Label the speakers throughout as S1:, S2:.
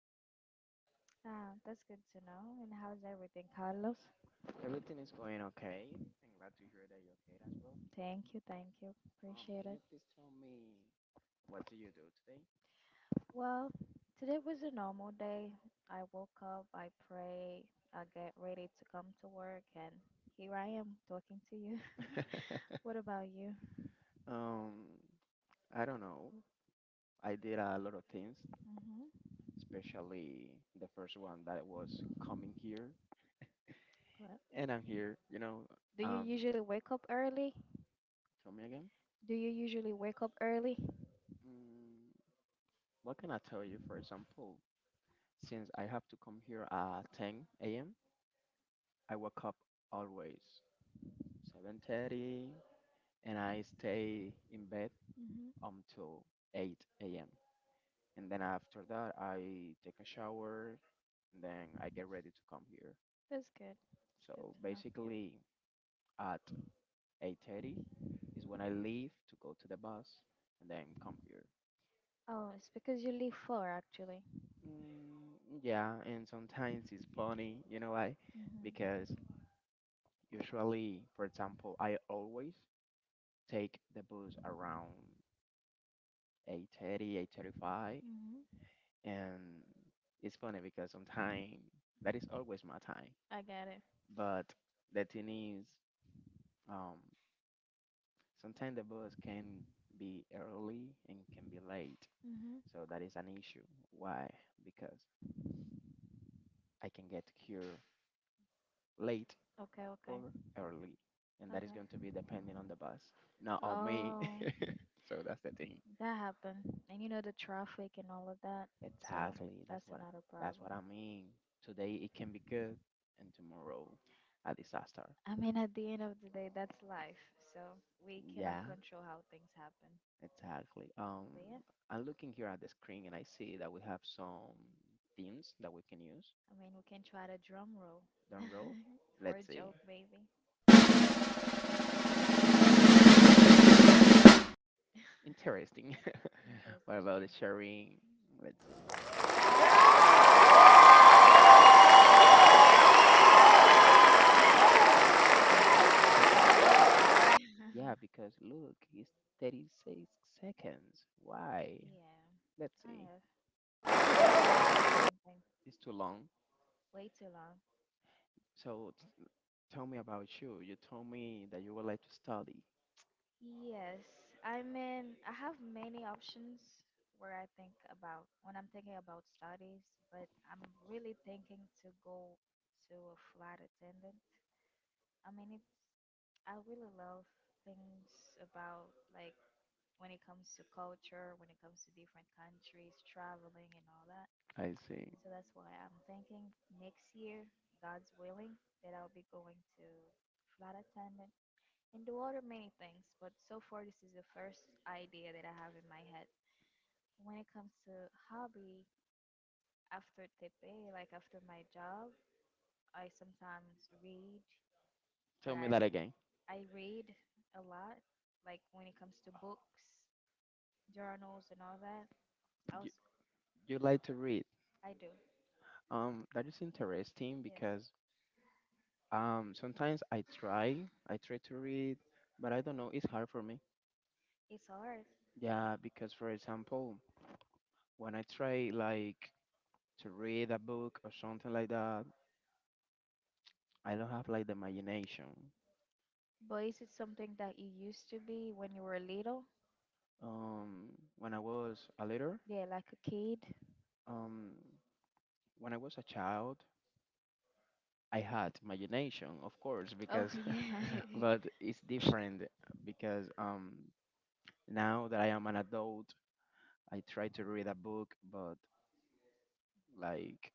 S1: great, and you?
S2: That's good to know. And how's everything, Carlos?
S1: Everything is going okay. I'm glad to hear that you're okay as well.
S2: Thank you, thank you. Appreciate
S1: Can
S2: it.
S1: you please tell me, what do you
S2: Well, today was a normal day. I woke up, I pray, I get ready to come to work, and here I am talking to you.
S1: do today?
S2: What about you?
S1: Um, I don't know. I did a lot of things,
S2: Mm-hmm.
S1: especially the first one, that was coming here,
S2: What?
S1: and I'm here. You know,
S2: Do you
S1: um,
S2: usually wake up early?
S1: tell me again.
S2: Do you usually wake up early?
S1: Mm, what can I tell you? For example, since I have to come here at 10 a.m., I wake up always 7:30. And I stay in bed
S2: Mm-hmm.
S1: until 8 a.m. And then after that, I take a shower, and then I get ready to come here.
S2: That's good. That's good
S1: So
S2: to know.
S1: basically, at 8:30 is when I leave to go to the bus, and then come here.
S2: Oh, it's because you leave four, actually.
S1: Mm, yeah, and sometimes it's funny, you know why?
S2: Mm-hmm.
S1: Because usually, for example, I always take the bus around 8:30, 8:35,
S2: Mm-hmm.
S1: and it's funny because sometimes that is always my time.
S2: I get it.
S1: But the thing is, um, sometimes the bus can be early and can be late,
S2: Mm-hmm.
S1: so that is an issue. Why? Because I can get here late
S2: Okay, okay.
S1: or early, and that is going to
S2: Okay.
S1: be depending on the bus, not on me.
S2: Oh,
S1: So that's the thing.
S2: that happened. And you know the traffic and all of that. So
S1: Exactly.
S2: that's another
S1: That's
S2: problem.
S1: what I mean. Today it can be good, and tomorrow a disaster.
S2: I mean, at the end of the day, that's life. So we cannot
S1: Yeah,
S2: control how things happen.
S1: exactly.
S2: But yeah, I
S1: I'm looking here at the screen and I see that we have some themes that we can use
S2: mean, we can try the drum roll
S1: down road.
S2: for a
S1: Let's see.
S2: joke, maybe.
S1: Interesting. What
S2: Interesting,
S1: about the
S2: yeah.
S1: sharing? Let's see. Oh, I see, I see. Okay. I think that's enough. Yeah, because look, it's 36 seconds. Why?
S2: Yeah,
S1: Let's
S2: kind
S1: see.
S2: of. Do the same thing.
S1: It's too long.
S2: Way too long.
S1: So tell me about you. You told me that you would like to study.
S2: Yes, I mean, I have many options where I think about when I'm thinking about studies, but I'm really thinking to go to a flight attendant. I mean, it's I really love things about like when it comes to culture, when it comes to different countries, traveling and all that.
S1: I see.
S2: So that's why I'm thinking next year, God's willing, that I'll be going to flight attendant and the water many things, but so far this is the first idea that I have in my head. When it comes to hobby, after TP, like after my job, I sometimes read, but
S1: Tell me
S2: I
S1: that again.
S2: I read a lot. Like when it comes to books, journals, and all that, I
S1: You,
S2: also
S1: you like to read.
S2: I do.
S1: That is interesting
S2: Yes,
S1: because sometimes I try to read, but I don't know, it's hard for me.
S2: it's hard.
S1: Yeah, because for example, when I try like to read a book or something like that, I don't have like the imagination.
S2: But is it something that you used to be when you were little?
S1: Um, when I was a little,
S2: Yeah, like a kid.
S1: um, when I was a child, I had imagination, of course,
S2: Oh,
S1: because
S2: yeah,
S1: but it's different because now that I am an adult, I try to read a book, but Like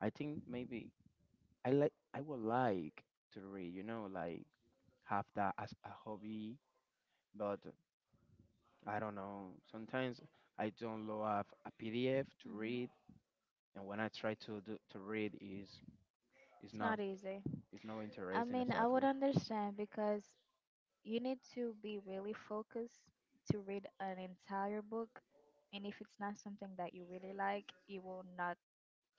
S1: I think maybe I would like to read, you know, like have that as a hobby, but I don't know. Sometimes I don't love a PDF to
S2: Mhm.
S1: read, and when I try to do, to read, is
S2: It's
S1: not
S2: not easy.
S1: is no
S2: I
S1: interesting
S2: mean, I would
S1: exactly.
S2: understand because you need to be really focused to read an entire book. And if it's not something that you really like, you will not,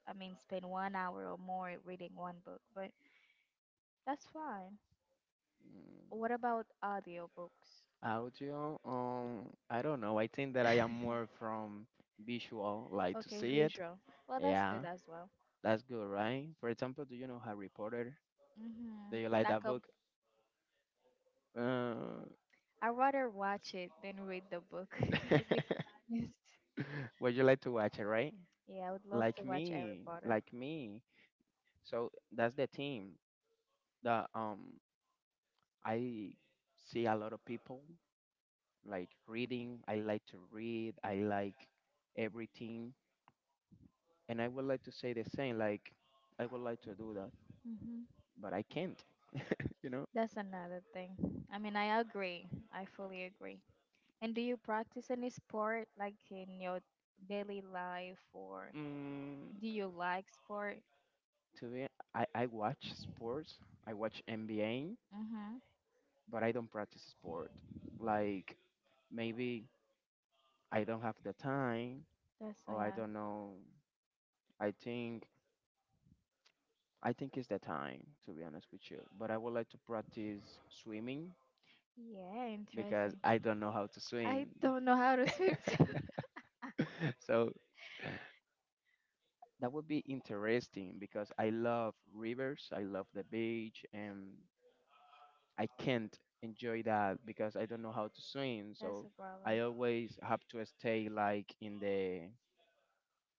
S2: I mean, spend 1 hour or more reading one book. But that's fine.
S1: Mm,
S2: What about audiobooks?
S1: audio, I don't know. I think that I am more from visual, like to
S2: Okay,
S1: see it.
S2: visual. Well, that's
S1: Yeah,
S2: good as well.
S1: that's good, right? For example, do you know Harry Potter? Do
S2: Mm-hmm.
S1: you like
S2: Like
S1: that
S2: a,
S1: book? Uh.
S2: I rather watch it than read the book. To be honest.
S1: Would you like to watch it, right?
S2: Yeah, I would love
S1: Like
S2: to watch Harry
S1: me,
S2: Potter.
S1: like me. So that's the thing. The I see a lot of people like reading. I like to read. I like everything, and I would like to say the same. Like I would like to do that,
S2: Mm-hmm.
S1: but I can't. You know.
S2: That's another thing. I mean, I agree. I fully agree. And do you practice any sport like in your daily life or
S1: Mm,
S2: do you like sport?
S1: to be, I watch sports. I watch NBA,
S2: Mm-hmm.
S1: but I don't practice sport. Like maybe I don't have the time.
S2: That's Oh,
S1: Oh, I
S2: yeah.
S1: don't know. I think I think it's the time, to be honest with you. But I would like to practice swimming
S2: Yeah,
S1: because
S2: interesting.
S1: I don't know how to
S2: I
S1: swim.
S2: don't know how to swim too.
S1: So that would be interesting because I love rivers, I love the beach, and I can't enjoy that because I don't know how to swim.
S2: That's
S1: So
S2: a problem.
S1: I always have to stay like in the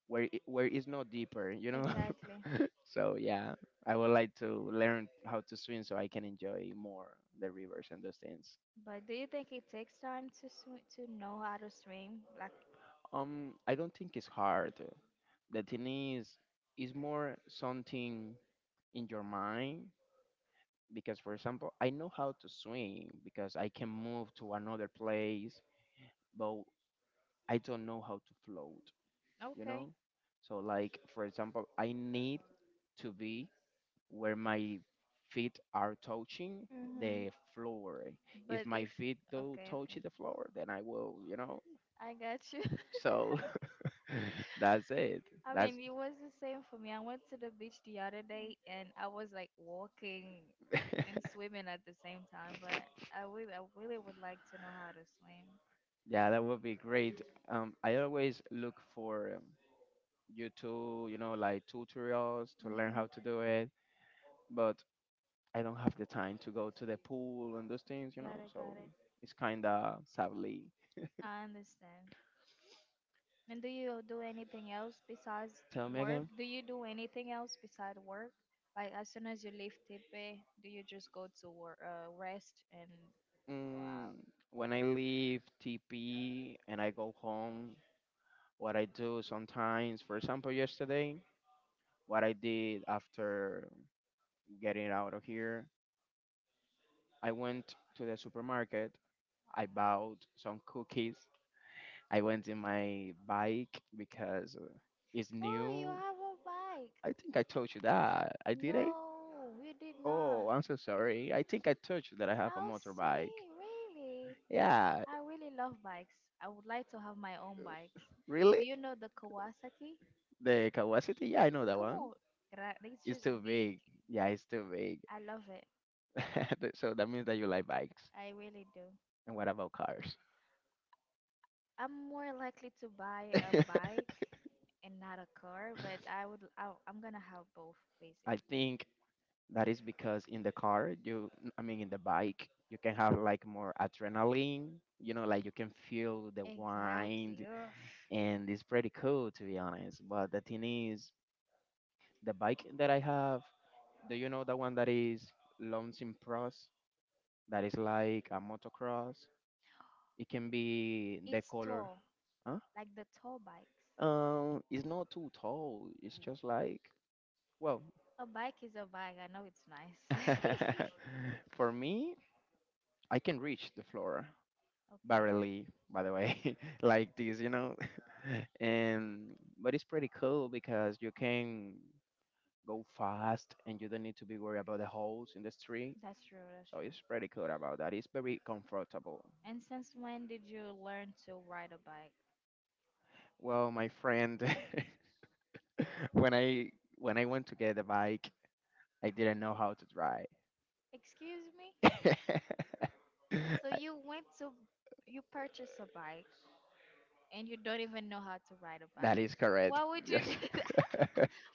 S1: where it's not deeper, you know.
S2: Exactly.
S1: So yeah, I would like to learn how to swim so I can enjoy more the rivers and those things.
S2: But do you think it takes time to to know how to swim? Like,
S1: I don't think it's hard. The thing is, it's more something in your mind. Because for example, I know how to swim because I can move to another place, but I don't know how to float. You
S2: okay.
S1: know, so like for example, I need to be where my feet are touching
S2: Mm-hmm.
S1: the floor. If
S2: But
S1: my
S2: if
S1: feet do
S2: Okay,
S1: touch
S2: okay.
S1: the floor, then I will, you know.
S2: I got you.
S1: So that's it.
S2: I
S1: That's
S2: mean, it was the same for me. I went to the beach the other day and I was like walking and swimming at the same time, but I really would like to know how to swim.
S1: yeah, that would be great. I always look for YouTube, you know, like tutorials to learn how to
S2: Hmm.
S1: do it, but I don't have the time to go to the pool and those things, you
S2: Got
S1: know.
S2: it, got
S1: So
S2: it.
S1: it's kind of sadly.
S2: I understand. And do you do anything else besides
S1: Tell me
S2: work?
S1: again.
S2: Do you do anything else besides work? Like as soon as you leave Tepe, do you just go to work, rest and go
S1: Mm,
S2: out?
S1: when I leave TP and I go home, what I do sometimes. For example, yesterday, what I did after getting out of here, I went to the supermarket. I bought some cookies. I went in my bike because it's
S2: Oh, you
S1: new.
S2: have a bike.
S1: I think I told you that. I did it?
S2: No, we did not.
S1: Oh, I'm so sorry. I think I told you that I have a
S2: How
S1: motorbike.
S2: sweet, really.
S1: Yeah,
S2: I really love bikes. I would like to have my own bikes.
S1: really?
S2: Do you know the Kawasaki?
S1: The Kawasaki? Yeah, I know
S2: It's
S1: that one.
S2: como it's
S1: It's
S2: just
S1: too
S2: big.
S1: big. Yeah, it's too big.
S2: I love it.
S1: So that means that you like bikes.
S2: I really do.
S1: And what about cars?
S2: I'm more likely to buy a bike and not a car, but I'm gonna have both basically.
S1: I think that is because in the car, I mean, in the bike, you can have like more adrenaline, you know, like you can feel the
S2: Exactly.
S1: wind,
S2: Ugh.
S1: and it's pretty cool, to be honest. But the thing is, the bike that I have, do you know the one that is Launching Pros? That is like a motocross. It can be the
S2: It's
S1: color.
S2: tall,
S1: Huh?
S2: like the tall bikes.
S1: It's not too tall. It's just like, well,
S2: A bike is a bike. I know it's nice. Okay,
S1: for me, I can reach the floor barely, by the way, like this, you know. and But it's pretty cool because you can go fast and you don't need to be worried about the holes in the street.
S2: that's true. That's
S1: So
S2: true.
S1: it's pretty cool about that. It's very comfortable.
S2: And since when did you learn to ride a bike?
S1: Well, my friend, when I when I went to get the bike, I didn't know how to drive.
S2: Excuse me? So
S1: I-
S2: you went to you purchased a bike and you don't even know how to ride a
S1: that
S2: bike.
S1: is correct.
S2: Why would you
S1: Yes.
S2: do that?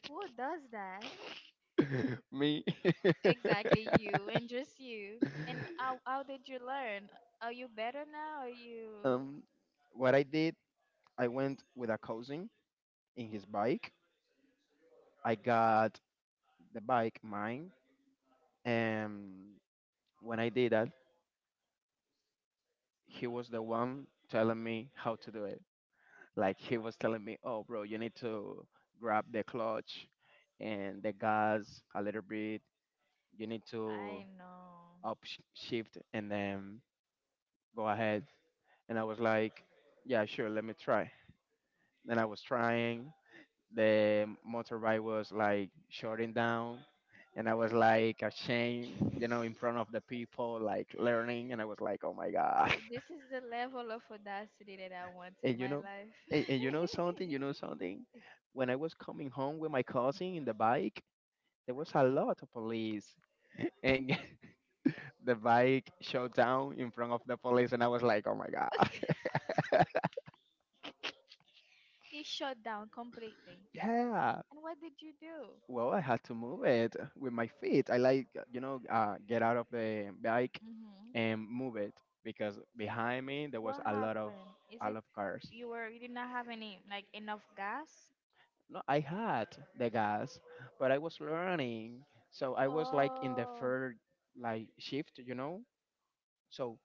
S2: Who does that?
S1: Me.
S2: Exactly you and just you. And how how did you learn? Are you better now? Are you
S1: Um, what I did, I went with a cousin in his bike. I got the bike mine, and when I did that, he was the one telling me how to do it. Like he was telling me, "Oh, bro, you need to grab the clutch and the gas a little bit. You need to
S2: I know.
S1: shift and then go ahead." And I was like, "Yeah, sure, let me try." Then I was trying, the motorbike was like shutting down, and I was like ashamed, you know, in front of the people like learning, and I was like, oh my god.
S2: This is the level of audacity that I want in
S1: And you
S2: my
S1: know,
S2: life.
S1: and you know something, when I was coming home with my cousin in the bike, there was a lot of police, and the bike shut down in front of the police and I was like, oh my god.
S2: He shut down completely.
S1: Yeah.
S2: And what did you do?
S1: Well, I had to move it with my feet. I like, you know, get out of the bike
S2: Mm-hmm.
S1: and move it because behind me there was
S2: What happened? Is
S1: a lot
S2: it
S1: of cars.
S2: you were You did not have any like enough gas?
S1: No, I had the gas, but I was learning, so I was like in the
S2: Oh,
S1: third like shift, you know. So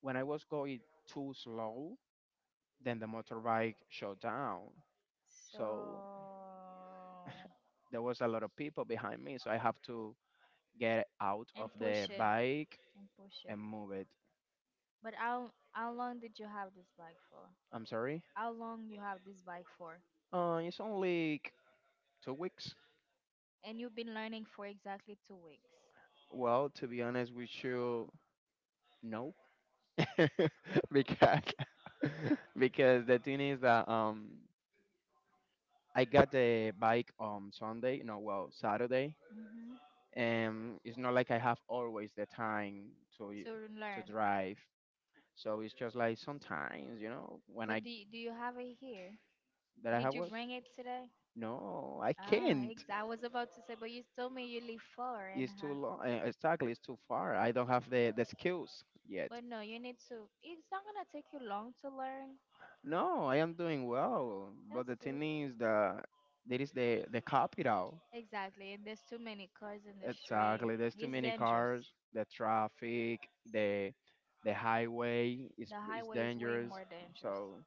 S1: when I was going too slow, then the motorbike shut down. So
S2: So
S1: there was a lot of people behind me, so I have to get out
S2: and
S1: of the
S2: push it
S1: bike
S2: and push it.
S1: and move it.
S2: But how long did you have this bike for?
S1: I'm sorry.
S2: How long you have this bike for?
S1: It's only like 2 weeks.
S2: And you've been learning for exactly 2 weeks.
S1: Well, to be honest with you, no, because because the thing is that I got the bike on Sunday, no, well, Saturday,
S2: Hmm.
S1: and it's not like I have always the time to y-
S2: To
S1: to
S2: learn.
S1: drive. So it's just like sometimes, you know, when I
S2: But do you have it here?
S1: that I
S2: Did
S1: have
S2: you
S1: work,
S2: bring it today?
S1: no, I
S2: Ah,
S1: can't.
S2: I was about to say, but you told me you live far and
S1: It's too
S2: huh.
S1: long. Exactly, it's too far. I don't have the skills yet.
S2: But no, you need to. It's not gonna take you long to learn.
S1: No, I am doing well, but
S2: That's
S1: the
S2: good.
S1: thing is there is the capital.
S2: Exactly. And there's too many cars in the street.
S1: Exactly. There's too
S2: It's
S1: many
S2: dangerous.
S1: cars, the traffic, the the highway
S2: The
S1: is
S2: highway is way
S1: dangerous.
S2: more dangerous.
S1: So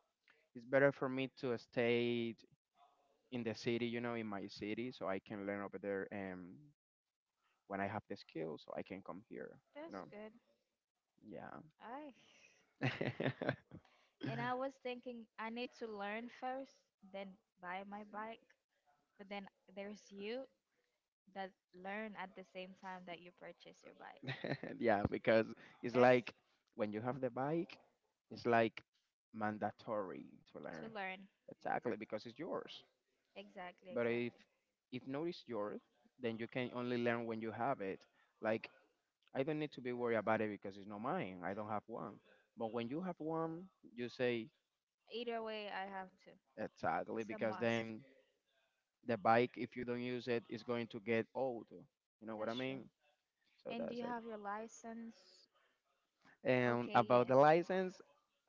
S1: it's better for me to stay in the city, you know, in my city, so I can learn over there. And when I have the skills, so I can come here, you
S2: That's
S1: know.
S2: good. I.
S1: Yeah.
S2: And I was thinking I need to learn first, then buy my bike. But then there's you that learn at the same time that you purchase your bike.
S1: Yeah, because it's
S2: That's
S1: like when you have the bike, it's like mandatory to
S2: to
S1: learn.
S2: learn.
S1: Exactly, because it's yours.
S2: Exactly,
S1: But
S2: exactly.
S1: if not it's yours, then you can only learn when you have it. Like I don't need to be worried about it because it's not mine. I don't have one. But when you have one, you say
S2: Either way, I have to.
S1: exactly
S2: It's a
S1: because
S2: must.
S1: then the bike, if you don't use it, is going to get old. You know what I
S2: That's true.
S1: mean? So
S2: And do
S1: that's
S2: you
S1: it.
S2: have your license?
S1: And
S2: Okay,
S1: about
S2: yes.
S1: the license,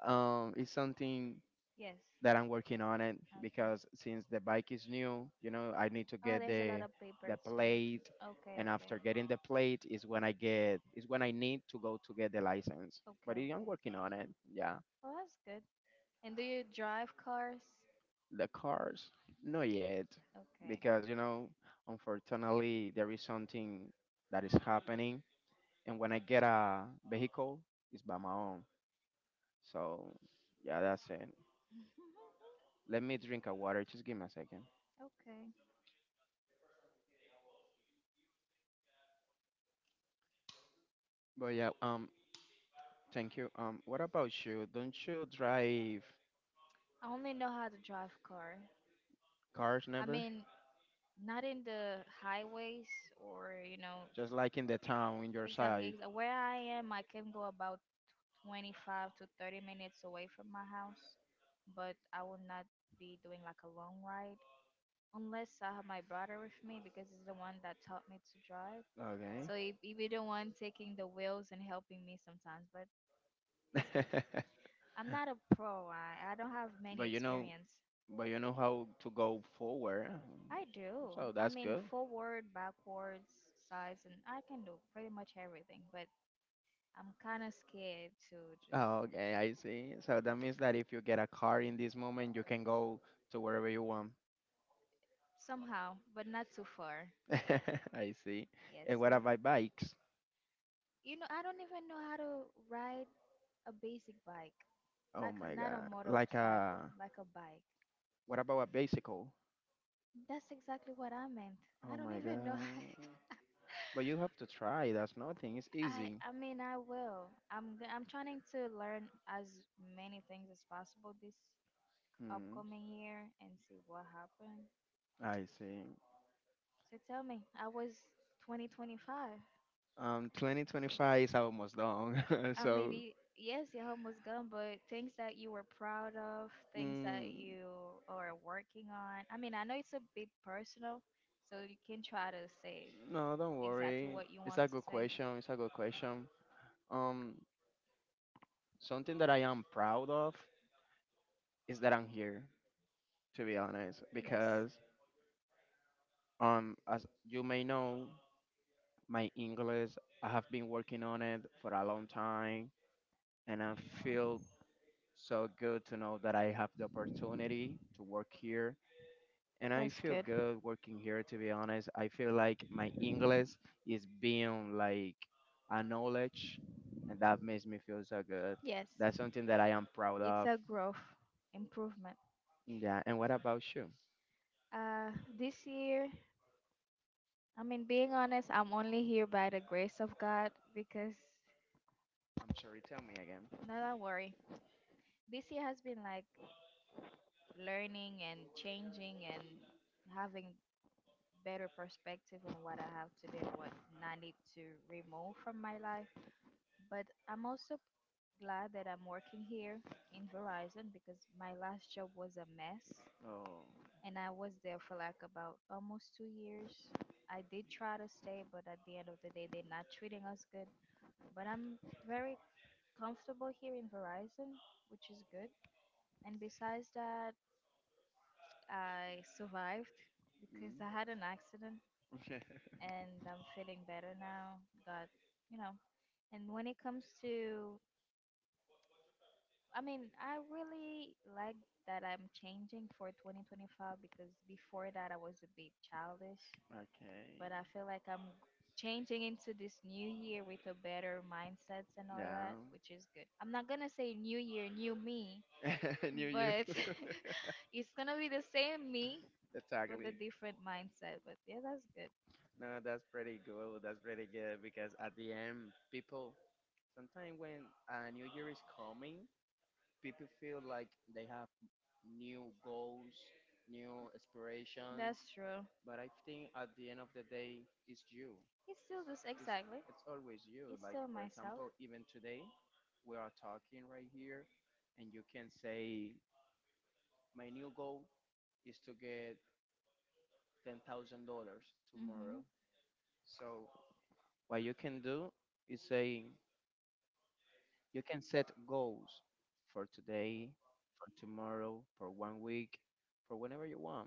S1: it's something
S2: Yes.
S1: that I'm working on it
S2: Okay.
S1: because since the bike is new, you know, I need to
S2: Oh,
S1: get
S2: there's a lot of paper
S1: the
S2: too.
S1: plate,
S2: Okay,
S1: and
S2: okay.
S1: after getting the plate is when I get is when I need to go to get the license.
S2: Okay,
S1: But yeah, I'm
S2: okay.
S1: working on it. Yeah,
S2: Well, that's good. And do you drive cars?
S1: the cars, not yet,
S2: Okay.
S1: because unfortunately, there is something that is happening, and when I get a vehicle, it's by my own. So yeah, that's it. Let me drink a water. Just give me a second.
S2: Okay.
S1: But yeah, Thank you. What about you? Don't you drive
S2: I only know how to drive car.
S1: cars
S2: I
S1: never?
S2: mean, not in the highways or,
S1: Just like in the town in your
S2: Exactly,
S1: side.
S2: where I am, I can go about 25 to 30 minutes away from my house, but I will not be doing like a long ride. Unless I have my brother with me because he's the one that taught me to drive.
S1: Okay.
S2: So he be the one taking the wheels and helping me sometimes, but it's good. I'm not a pro. I don't have many
S1: but you know,
S2: experience.
S1: but you know how to go forward.
S2: I do.
S1: So
S2: I
S1: that's
S2: mean,
S1: good.
S2: forward, backwards, sides, and I can do pretty much everything. But I'm kind of scared to just
S1: Okay, I see. So that means that if you get a car in this moment, you can go to wherever you want.
S2: somehow, but not too far.
S1: I see.
S2: Yes,
S1: And
S2: sir.
S1: what about bikes?
S2: You know, I don't even know how to ride a basic bike,
S1: Oh
S2: like a,
S1: my
S2: not a
S1: god. Like
S2: motorcycle,
S1: a
S2: like a bike.
S1: What about a bicycle?
S2: That's exactly what I meant. I
S1: Oh
S2: don't
S1: my
S2: even know.
S1: god. But you have to try. That's nothing. It's
S2: I
S1: easy.
S2: I mean I will. I'm trying to learn as many things as possible this
S1: Hmm.
S2: upcoming year and see what happened.
S1: I see.
S2: So tell me, I was 2025.
S1: 2025 is almost done.
S2: I mean,
S1: So,
S2: yes, your home was gone, but things that you were proud of, things that
S1: mm,
S2: you are working on. I mean, I know it's a bit personal, so you can try to say
S1: no, don't
S2: exactly
S1: worry.
S2: what you
S1: It's
S2: want
S1: a
S2: to
S1: good
S2: say.
S1: question. It's a good question. Um, Something that I am proud of is that I'm here, to be honest,
S2: Yes.
S1: because as you may know, my English I have been working on it for a long time, and I feel so good to know that I have the opportunity to work here and I
S2: That's
S1: feel
S2: good.
S1: good working here. To be honest, I feel like my English is being like a knowledge, and that makes me feel so good.
S2: Yes.
S1: That's something that I am proud
S2: It's
S1: of.
S2: a growth improvement.
S1: Yeah. And what about you?
S2: Uh, this year, I mean, being honest, I'm only here by the grace of God because,
S1: I'm sorry. Tell me again.
S2: no, don't worry. This year has been like learning and changing and having better perspective on what I have to do and what I need to remove from my life. But I'm also glad that I'm working here in Verizon because my last job was a mess.
S1: Oh.
S2: And I was there for like about almost 2 years. I did try to stay, but at the end of the day, they're not treating us good. But I'm very comfortable here in Verizon, which is good. And besides that, I survived because
S1: Mm.
S2: I had an accident and I'm feeling better now. God, you know. And when it comes to, I mean, I really like that I'm changing for 2025 because before that I was a bit childish, but I
S1: Okay.
S2: feel like I'm changing into this new year with a better mindsets and all that,
S1: Yeah.
S2: which is good. I'm not gonna say new year, new me,
S1: New you.
S2: but it's gonna be the same me with a
S1: Exactly.
S2: different mindset. But yeah, that's good.
S1: No, that's pretty good. That's pretty good because at the end, people sometimes when a new year is coming, people feel like they have new goals, new aspirations,
S2: That's true.
S1: but I think at the end of the day, it's you.
S2: It's still this
S1: It's
S2: exactly.
S1: it's always you.
S2: It's
S1: Like
S2: still
S1: for
S2: myself.
S1: example, even today, we are talking right here, and you can say, "My new goal is to get $10,000 tomorrow."
S2: Mhm.
S1: So what you can do is say, you can set goals for today, for tomorrow, for one week, for whenever you want.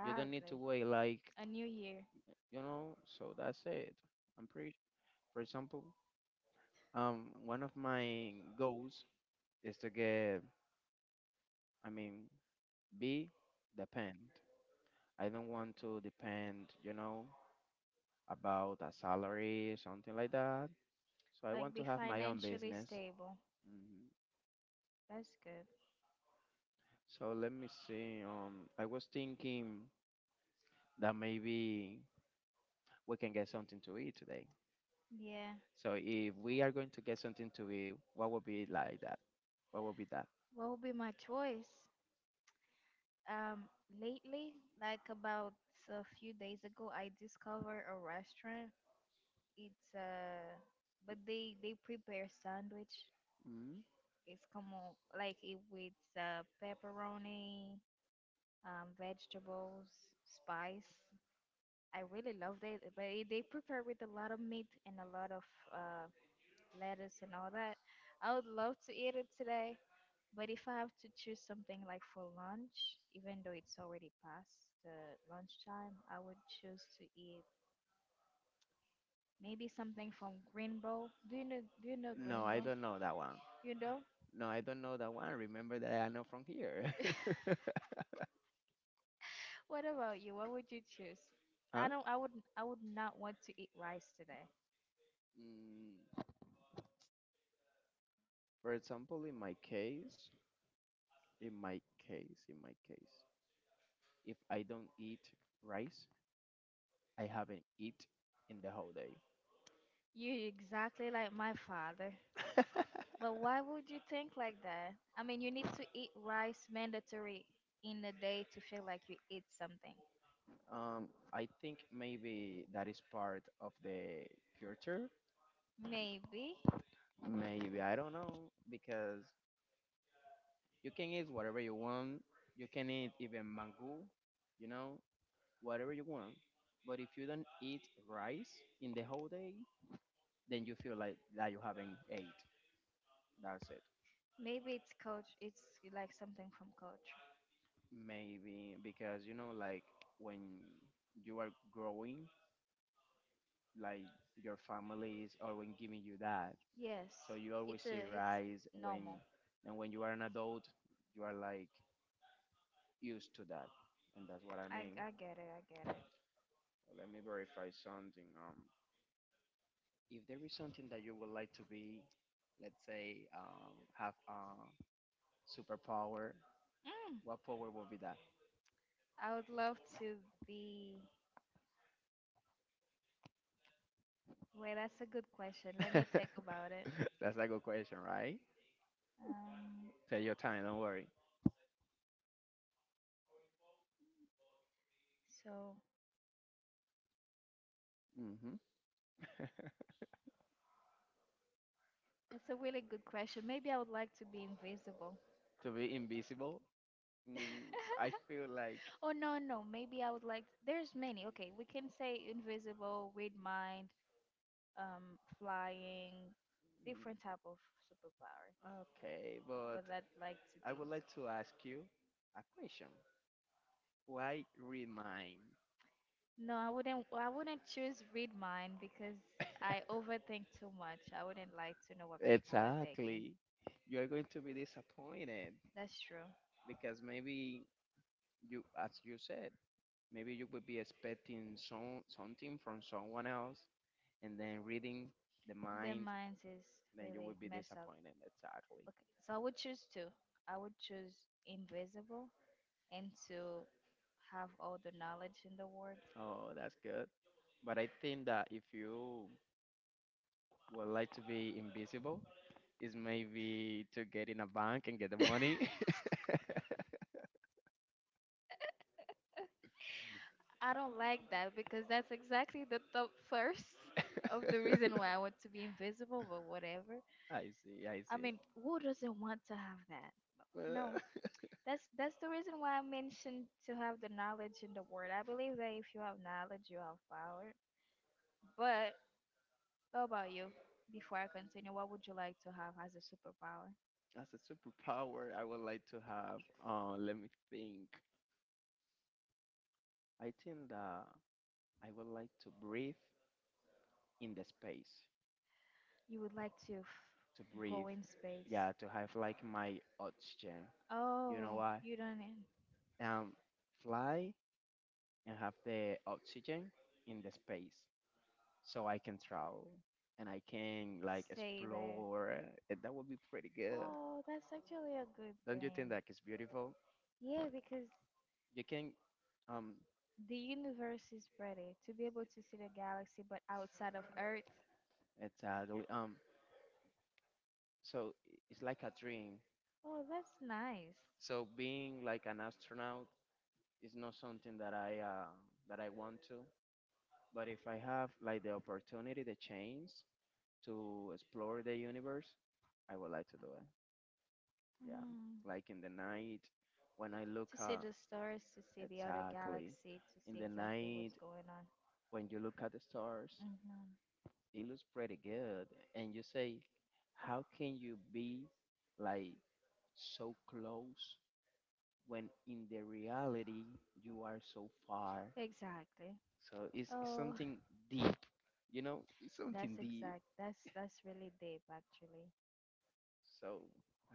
S1: You don't need to wait, like,
S2: A new year.
S1: so that's it. I'm pretty, for example, one of my goals is to get, I mean, be depend. I don't want to depend, about a salary, something like that. So I
S2: Like,
S1: want to
S2: be
S1: have my own
S2: financially
S1: business.
S2: stable.
S1: Mhm.
S2: That's good.
S1: So let me see. I was thinking that maybe we can get something to eat today.
S2: Yeah.
S1: So if we are going to get something to eat, what would be like that? What would be that?
S2: What would be my choice? Um, Lately, like about a few days ago, I discovered a restaurant. It's But they prepare sandwich.
S1: Mm?
S2: It's como like it with pepperoni, vegetables, spice. I really loved it, but they prepare with a lot of meat and a lot of uh, lettuce and all that. I would love to eat it today. But if I have to choose something like for lunch, even though it's already past the lunchtime, I would choose to eat maybe something from Green Bowl. Do you know
S1: No,
S2: Green
S1: I
S2: Bowl?
S1: don't know that one.
S2: You know?
S1: No, I don't know that one. Remember that I know from here.
S2: What about you? What would you choose?
S1: Huh?
S2: I would not want to eat rice today.
S1: Mm, for example, in my case, in my case, in my case, if I don't eat rice, I haven't eat in the whole day.
S2: You're exactly like my father. But why would you think like that? I mean, you need to eat rice mandatory in the day to feel like you eat something.
S1: I think maybe that is part of the culture.
S2: Maybe.
S1: Maybe I don't know because you can eat whatever you want. You can eat even mango, you know, whatever you want. But if you don't eat rice in the whole day, then you feel like that you haven't ate. That's it.
S2: Maybe it's coach. It's like something from coach.
S1: Maybe because like when you are growing, like your family is always giving you that.
S2: Yes,
S1: So you always
S2: it's a
S1: see
S2: it's
S1: rice when,
S2: normal.
S1: and when you are an adult, you are like used to that, and that's what I
S2: I
S1: mean.
S2: I get it. I get it.
S1: Let me verify something. If there is something that you would like to be, let's say, have a superpower,
S2: Mm,
S1: what power would be
S2: I would love to be. Wait, that's a good question. Let me
S1: that?
S2: think about it.
S1: That's a good question, right?
S2: Um,
S1: Take your time. Don't worry.
S2: so
S1: Hmm.
S2: that's a really good question. Maybe I would like to be invisible.
S1: To be invisible. Mm. I feel like
S2: Oh no, no. Maybe I would like. There's many. Okay, we can say invisible, read mind, flying,
S1: mm,
S2: different type of superpower.
S1: okay, but
S2: But I'd like to
S1: I
S2: be.
S1: would like to ask you a question. Why read mine?
S2: No, I wouldn't. I wouldn't choose read mine because I overthink too much. I wouldn't like to know what people are thinking.
S1: Exactly. You're going to be disappointed
S2: That's true.
S1: because maybe you as you said maybe you would be expecting something from someone else and then reading the
S2: Their
S1: mind
S2: minds is
S1: then you
S2: really
S1: would be
S2: messed up.
S1: disappointed, exactly.
S2: Okay, so I would choose two. I would choose invisible and to have all the knowledge in the world.
S1: Oh, that's good, but I think that if you would like to be invisible is maybe to get in a bank and get the money.
S2: I don't like that because that's exactly the top first of the reason why I want to be invisible. But whatever.
S1: I see, I
S2: I
S1: see.
S2: mean, who doesn't want to have that?
S1: Uh,
S2: No, that's the reason why I mentioned to have the knowledge in the word. I believe that if you have knowledge, you have power. But how about you? Before I continue, what would you like to have as a superpower?
S1: as a superpower I would like to have, let me think. I think that I would like to breathe in the space
S2: You would like to
S1: to
S2: go
S1: breathe.
S2: in space.
S1: Yeah, to have like my oxygen. You know
S2: Oh,
S1: why?
S2: you don't
S1: Um, Fly and have the oxygen in the space, so I can travel and I can like
S2: stay there.
S1: explore. And that would be pretty good.
S2: Oh, that's actually a good
S1: Don't you think
S2: thing.
S1: that is beautiful?
S2: Yeah, because
S1: You can, um
S2: the universe is pretty. To be able to see the galaxy, but outside of Earth.
S1: exactly, so it's like a dream.
S2: Oh, that's nice.
S1: So being like an astronaut is not something that I want to. But if I have like the opportunity, the chance, to explore the universe, I would like to do it. Yeah.
S2: Mm.
S1: Like in the night, when I look
S2: To see
S1: at,
S2: the stars, to see the other
S1: exactly,
S2: galaxy, to
S1: in
S2: see
S1: the
S2: exactly what's
S1: night,
S2: going on.
S1: when you look at the stars,
S2: Hmm.
S1: it looks pretty good. And you say, how can you be like so close when in the reality you are so far?
S2: Exactly.
S1: So it's
S2: Oh,
S1: something deep, it's
S2: that's
S1: something deep.
S2: exact. That's really deep, actually.
S1: So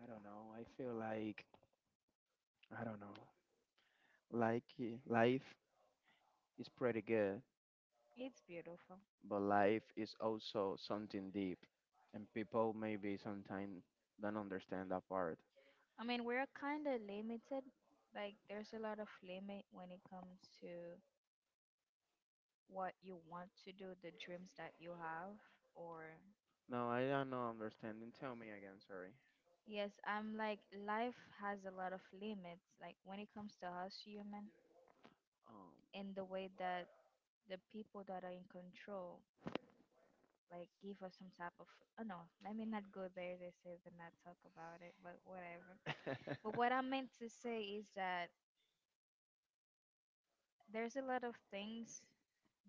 S1: I don't know. I feel like, I don't know. Like life is pretty good,
S2: It's beautiful.
S1: but life is also something deep, and people maybe sometimes don't understand that part.
S2: I mean, we're kind of limited. Like, there's a lot of limit when it comes to what you want to do, the dreams that you have, or.
S1: No, I don't know understanding. Tell me again. Sorry.
S2: Yes, I'm like life has a lot of limits, like when it comes to us human,
S1: Um.
S2: in the way that the people that are in control, like give us some type of oh no, let me not go there. They say to not talk about it, but whatever. But what I meant to say is that there's a lot of things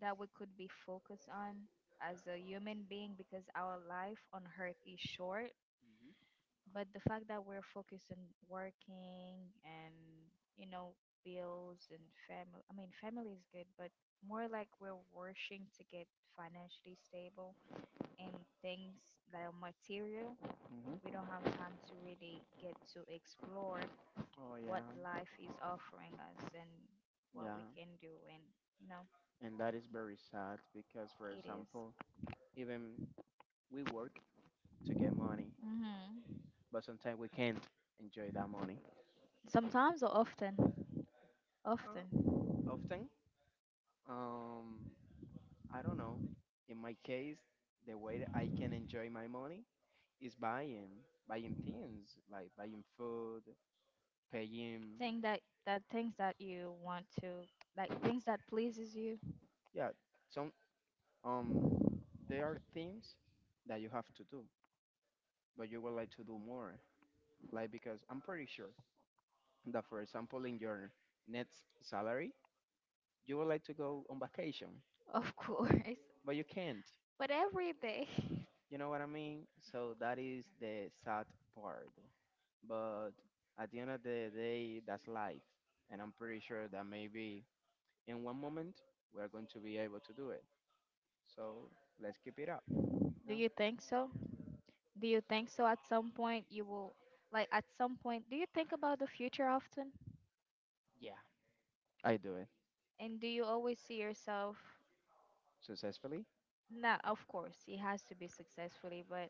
S2: that we could be focused on as a human being because our life on earth is short, but the fact that we're focused on working and, you know, bills and family. I mean family is good, but more like we're working to get financially stable and things that are material,
S1: Mhm,
S2: we
S1: mhm.
S2: don't have time to really get to explore
S1: Oh
S2: what
S1: yeah,
S2: life is offering us and what we
S1: yeah,
S2: can do and you know
S1: and that is very sad because, for
S2: it is.
S1: example, even we work to get money,
S2: Mm-hmm.
S1: but sometimes we can't enjoy that money.
S2: Sometimes or often.
S1: Uh,
S2: Often
S1: Often, um, I don't know. In my case, the way that I can enjoy my money is buying things like buying food, paying.
S2: think that that things that you want to, like things that pleases you.
S1: Yeah, some um, there are things that you have to do, but you would like to do more. Like because I'm pretty sure that, for example, in your next salary, you would like to go on vacation,
S2: Of course.
S1: but you can't.
S2: But every day.
S1: You know what I mean? So that is the sad part. But at the end of the day, that's life. And I'm pretty sure that maybe in one moment we're going to be able to do it. So let's keep it up. You
S2: Do
S1: know?
S2: you think so? Do you think so at some point you will, like at some point, do you think about the future often?
S1: Yeah, I do it
S2: And do you always see yourself?
S1: successfully.
S2: Not, of course, it has to be successfully, but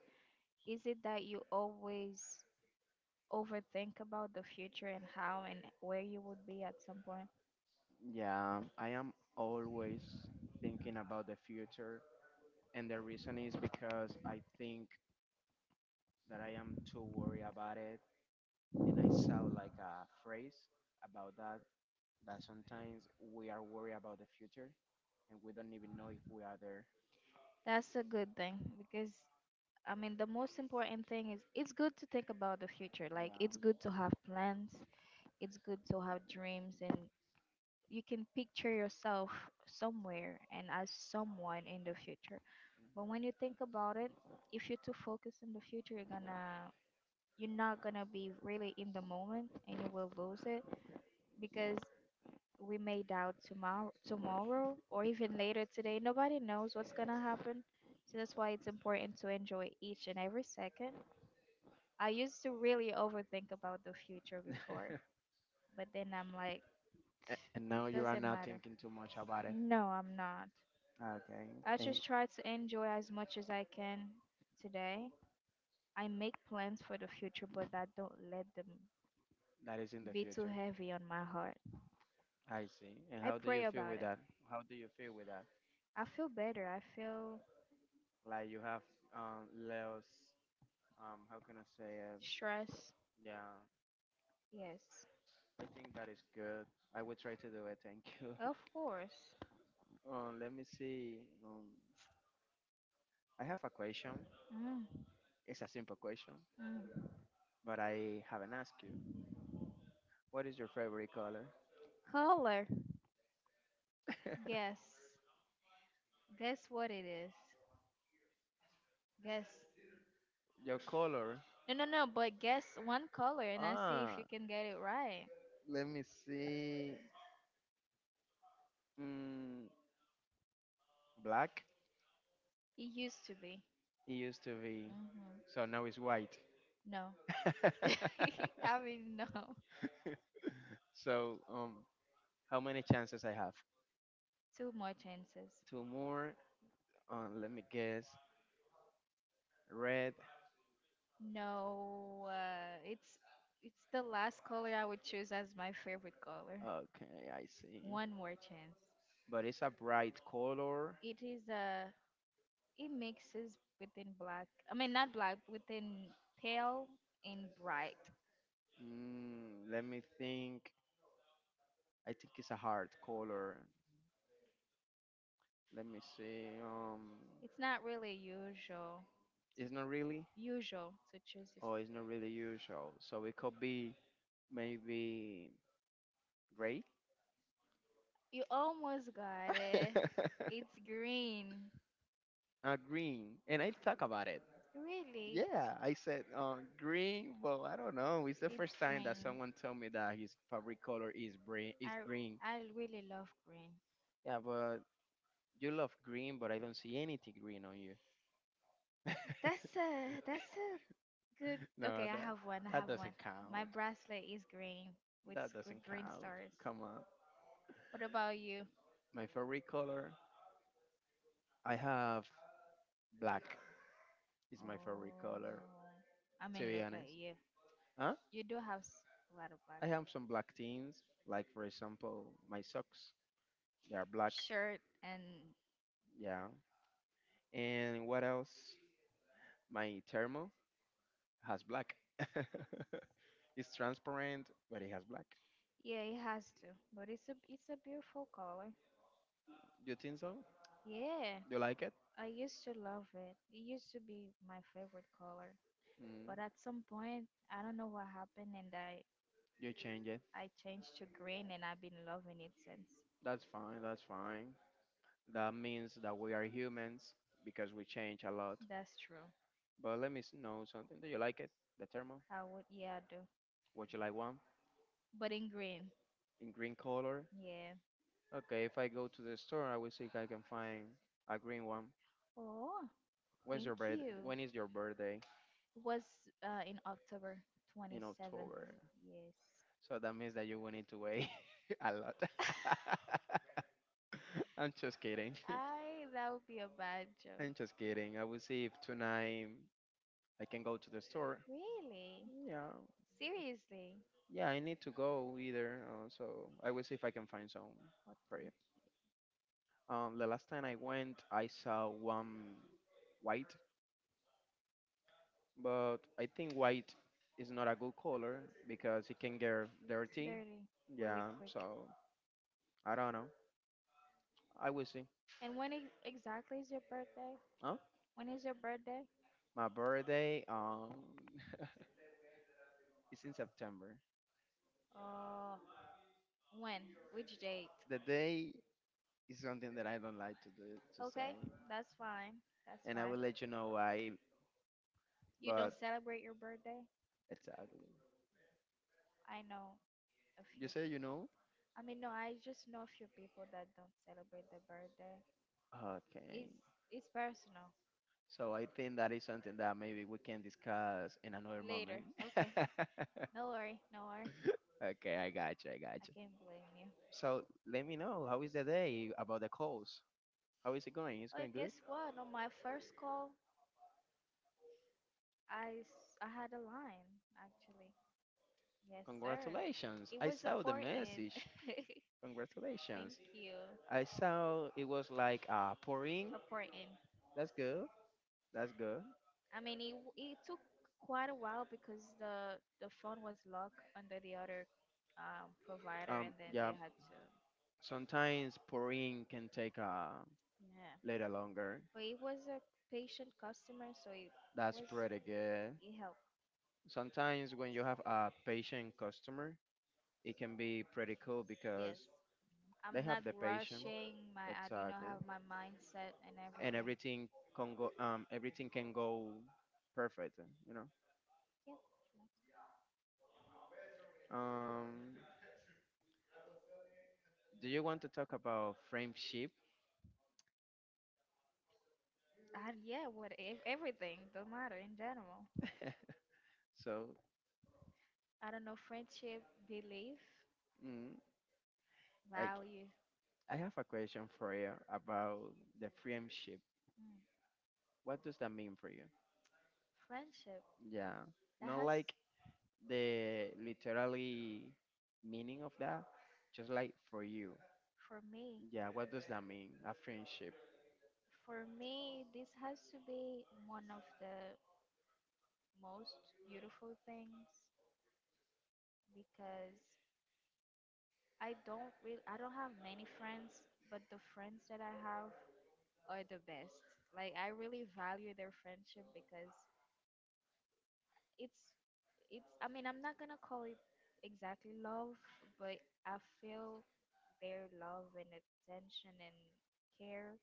S2: is it that you always overthink about the future and how and where you would be at some point?
S1: Yeah, I am always thinking about the future. And the reason is because I think that I am too worried about it. And I saw like a phrase about that that sometimes we are worried about the future and we don't even know if we are there.
S2: That's a good thing because I mean, the most important thing is it's good to think about the future. Like,
S1: Yeah.
S2: it's good to have plans, it's good to have dreams and you can picture yourself somewhere and as someone in the future. But when you think about it, if you're too focused in the future, you're gonna you're not gonna be really in the moment and you will lose it because we may doubt tomorrow or even later today. Nobody knows what's gonna happen. So that's why it's important to enjoy each and every second. I used to really overthink about the future before, but then I'm like,
S1: And
S2: it
S1: now you are
S2: doesn't
S1: not
S2: matter.
S1: thinking too much about it.
S2: No, I'm not.
S1: Okay.
S2: I
S1: And
S2: just try to enjoy as much as I can today. I make plans for the future, but I don't let them
S1: that is in the
S2: be too
S1: future.
S2: heavy on my heart.
S1: I see. And
S2: I
S1: how do you
S2: pray
S1: feel
S2: about
S1: with
S2: it.
S1: that? How do you feel with that?
S2: I feel better. I feel
S1: Like you have, Leo's, how can I say it?
S2: stress.
S1: Yeah.
S2: Yes,
S1: I think that is good. I will try to do it. Thank you.
S2: of course.
S1: Let me see. Um, I have a question.
S2: Mm.
S1: It's a simple question,
S2: Mm.
S1: but I haven't asked you. What is your favorite color?
S2: Color. Guess. Guess what it is. Guess.
S1: Your color.
S2: No, no, no. But guess one color, and I see if
S1: Ah,
S2: you can get it right.
S1: let me see. Mm, Black.
S2: It used to be.
S1: It used to be.
S2: Hmm.
S1: So now it's white.
S2: No. I mean, no.
S1: So, how many chances I have?
S2: Two more chances.
S1: Two more. Let me guess. Red.
S2: No, it's the last color I would choose as my favorite color.
S1: Okay, I see.
S2: One more chance.
S1: But it's a bright color.
S2: It is it mixes within black. I mean not black, within pale and bright.
S1: Let me think. I think it's a hard color. Let me see.
S2: It's not really usual to
S1: It's not really.
S2: choose this.
S1: Oh, it's not really usual. So it could be maybe gray,
S2: You almost got it. It's green.
S1: green. And I talk about it.
S2: Really,
S1: Yeah, I said green, but I don't know. It's the
S2: it's
S1: first time that
S2: green.
S1: someone told me that his favorite color is green. Is
S2: I
S1: green.
S2: I really love green.
S1: Yeah, but you love green, but I don't see anything green on you.
S2: That's a Good.
S1: No,
S2: Okay, I
S1: that
S2: have one. I
S1: that
S2: have one.
S1: doesn't
S2: My
S1: count.
S2: bracelet is green with
S1: That
S2: with
S1: doesn't
S2: green
S1: count.
S2: stars.
S1: Come on.
S2: What about you?
S1: My favorite color. I have black. Is my favorite color.
S2: Oh, I
S1: To
S2: mean,
S1: be
S2: look at
S1: honest.
S2: you.
S1: Huh?
S2: You do have a lot of
S1: I have
S2: bracelets.
S1: some black things, like for example, my socks. They are black.
S2: Shirt and
S1: Yeah. And what else? My thermal has black. It's transparent, but it has black.
S2: yeah, it has to. But it's a beautiful color.
S1: You think so?
S2: Yeah,
S1: You like it?
S2: I used to love it. It used to be my favorite color.
S1: Mm.
S2: But at some point, I don't know what happened, and I
S1: You change it.
S2: I changed to green, and I've been loving it since.
S1: That's fine. That's fine. That means that we are humans because we change a lot.
S2: That's true.
S1: But let me know something. Do you like it? The thermal?
S2: I would, yeah, I do.
S1: Would you like one
S2: But in green.
S1: in green color?
S2: Yeah.
S1: Okay. If I go to the store, I will see if I can find a green one.
S2: Oh,
S1: When's
S2: thank
S1: your birth?
S2: you.
S1: When is your birthday?
S2: It was in October
S1: In
S2: 27th.
S1: October.
S2: Yes.
S1: So that means that you will need to wait a lot. I'm just kidding.
S2: I that would be a bad joke.
S1: I'm just kidding. I will see if tonight I can go to the store.
S2: Really?
S1: Yeah,
S2: Seriously?
S1: yeah. I need to go either. So I will see if I can find some
S2: Oh,
S1: for
S2: thank
S1: you.
S2: you.
S1: The last time I went, I saw one white, but I think white is not a good color because it can get
S2: It's
S1: dirty.
S2: dirty. Really
S1: Yeah.
S2: quick.
S1: So I don't know. I will see.
S2: And when exactly is your birthday?
S1: Huh?
S2: When is your birthday?
S1: My birthday is in September.
S2: Uh, when? Which date?
S1: The day is something that I don't like to do to
S2: Okay,
S1: say,
S2: that's fine. That's
S1: and I
S2: fine.
S1: will let you know why.
S2: You don't
S1: But
S2: celebrate your birthday?
S1: exactly,
S2: I know a
S1: you
S2: few
S1: say you
S2: people.
S1: know.
S2: I mean, no, I just know a few people that don't celebrate their birthday. It's
S1: Okay.
S2: it's personal.
S1: So I think that is something that maybe we can discuss in another moment.
S2: Later. Okay, no worry, no worry.
S1: Okay, I got you, I got
S2: I
S1: you.
S2: can't blame you.
S1: So let me know how is the day about the calls. How is it going? It's
S2: Oh,
S1: going good.
S2: guess what? On my first call, I had a line actually. Yes, sir.
S1: Congratulations!
S2: It
S1: I
S2: was a
S1: saw the
S2: pour in.
S1: message.
S2: Thank
S1: Congratulations.
S2: you.
S1: I saw it was like pouring.
S2: A pour in.
S1: That's good. That's good.
S2: I mean, it took quite a while because the phone was locked under the other provider, and then
S1: Yeah.
S2: they had to.
S1: Sometimes pouring can take a
S2: Yeah.
S1: little longer.
S2: But he was a patient customer, so it
S1: That's
S2: was
S1: pretty good.
S2: it helped.
S1: Sometimes when you have a patient customer, it can be pretty cool
S2: Yes,
S1: because they
S2: I'm
S1: have
S2: not
S1: the patient
S2: rushing. My I do not
S1: exactly,
S2: have my mindset and
S1: and
S2: everything.
S1: everything can go. Everything can go perfect. You know.
S2: Yeah,
S1: Um, do you want to talk about friendship?
S2: I, yeah, what everything don't matter in general.
S1: so,
S2: I don't know friendship, belief,
S1: mm, I,
S2: value.
S1: I have a question for you about the friendship.
S2: Mm.
S1: What does that mean for you?
S2: Friendship
S1: Yeah,
S2: that
S1: not
S2: has
S1: like the literally meaning of that, just like for you.
S2: for me,
S1: Yeah, what does that mean? A friendship.
S2: for me, this has to be one of the most beautiful things because I don't really I don't have many friends, but the friends that I have are the best. Like I really value their friendship because it's it's I mean, I'm not going to call it exactly love, but I feel their love and attention and care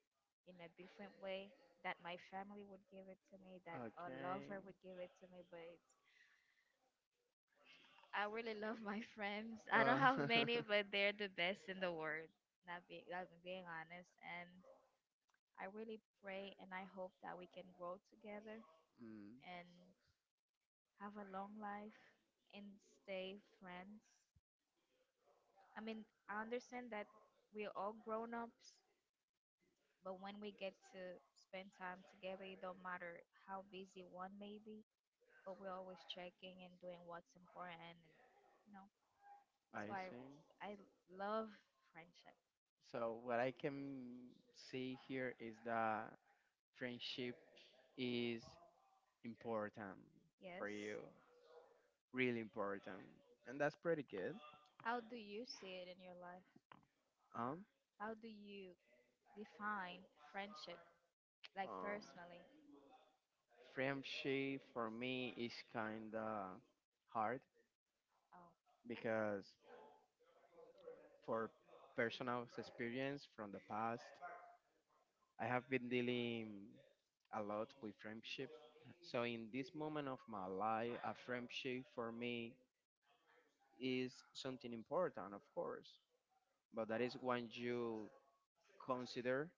S2: in a different way that my family would give it to me, that a
S1: Okay.
S2: lover would give it to me, but it's, I really love my friends. I don't
S1: Uh,
S2: have many, but they're the best in the world. Not being, I'm being honest, and I really pray and I hope that we can grow together
S1: mm,
S2: and have a long life and stay friends. I mean, I understand that we're all grown ups, but when we get to spend time together, it don't matter how busy one may be, but we're always checking and doing what's important, and you know.
S1: I
S2: So I,
S1: see.
S2: I love friendship.
S1: So what I can see here is that friendship is important
S2: Yes.
S1: for you, really important, and that's pretty good.
S2: How do you see it in your life?
S1: Um,
S2: How do you define friendship, like
S1: um,
S2: personally?
S1: Friendship for me is kind of hard
S2: Oh.
S1: because for personal experience from the past, I have been dealing a lot with friendship. So in this moment of my life, a friendship for me is something important, of course. But that is when you consider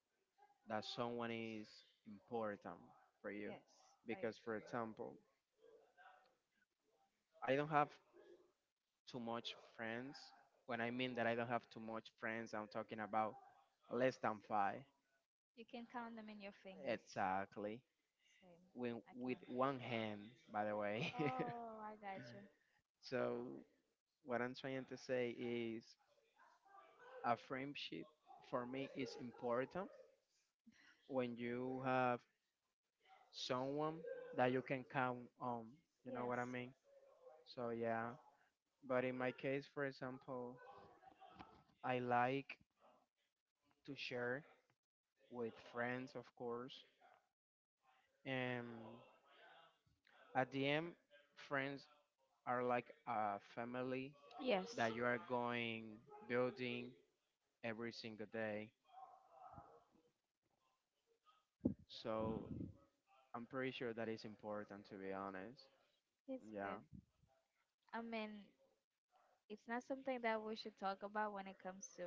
S1: that someone is important for you.
S2: Yes, I
S1: Because for
S2: agree.
S1: example, I don't have too much friends. When I mean that I don't have too much friends, I'm talking about less than five.
S2: You can count them in your fingers.
S1: Exactly.
S2: Same.
S1: When,
S2: I
S1: with
S2: can.
S1: one hand, by the way.
S2: Oh, I got you.
S1: so, what I'm trying to say is a friendship for me is important when you have someone that you can count on. You know what I
S2: Yes,
S1: mean? So, yeah. But in my case, for example, I like to share with friends, of course. And at the end, friends are like a family
S2: Yes.
S1: that you are going building every single day. So I'm pretty sure that is important to be honest.
S2: It's
S1: Yeah,
S2: good. I mean, it's not something that we should talk about when it comes to,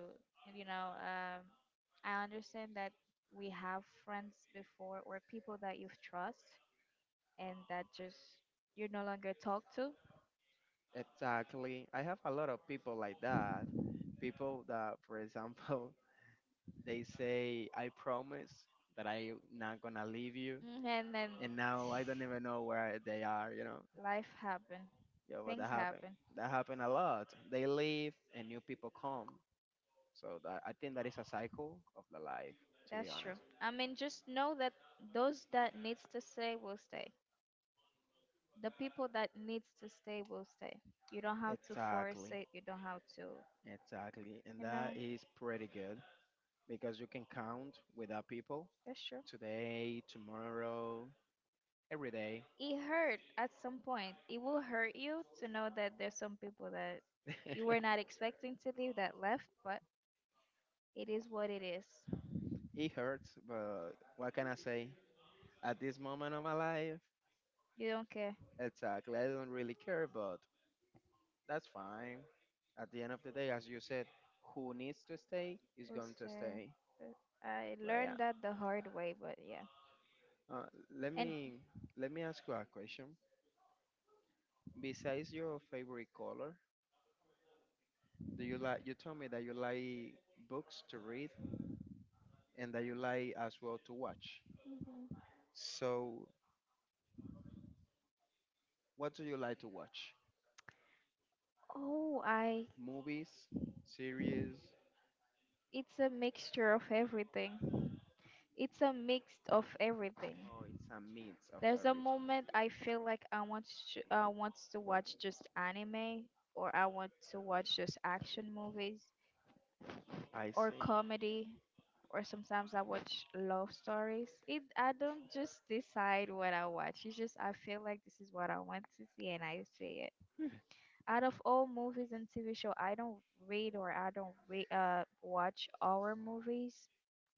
S2: you know, I understand that we have friends before or people that you trust and that just you no longer talk to.
S1: exactly. I have a lot of people like that. People that, for example, they say, I promise that I'm not gonna leave you.
S2: Mhm, and then
S1: And now I don't even know where they are, you know?
S2: life happen.
S1: Yeah, but that
S2: Things
S1: happened.
S2: happen.
S1: That happened a lot. They leave and new people come. So that, I think that is a cycle of the life, to be
S2: That's
S1: honest.
S2: true. I mean, just know that those that needs to stay will stay. The people that needs to stay will stay. You don't have to force
S1: Exactly,
S2: it. You don't have to,
S1: exactly, and
S2: you know.
S1: that is pretty good because you can count with other people
S2: That's true.
S1: today, tomorrow, every day.
S2: It hurt at some point. It will hurt you to know that there's some people that you were not expecting to leave that left, but it is what it is.
S1: It hurts, but what can I say? At this moment of my life,
S2: You don't care.
S1: exactly, I don't really care, but that's fine. At the end of the day, as you said, who needs to stay is
S2: Will
S1: going to
S2: stay.
S1: stay.
S2: But I
S1: But yeah,
S2: learned that the hard way, but yeah.
S1: uh, let
S2: And
S1: me let me ask you a question. Besides your favorite color, do you like? You told me that you like books to read and that you like as well to watch.
S2: hmm
S1: So, what do you like to watch?
S2: oh, I
S1: Movies, series,
S2: it's a mixture of everything. It's a mix of everything.
S1: or it's a mix of
S2: There's a
S1: everything?
S2: moment I feel like I want to watch just anime, or I want to watch just action movies,
S1: I
S2: or
S1: see.
S2: comedy, or sometimes I watch love stories. It I don't just decide what I watch. It's just I feel like this is what I want to see, and I see it. Out of all movies and TV show, I don't read or I don't watch horror movies.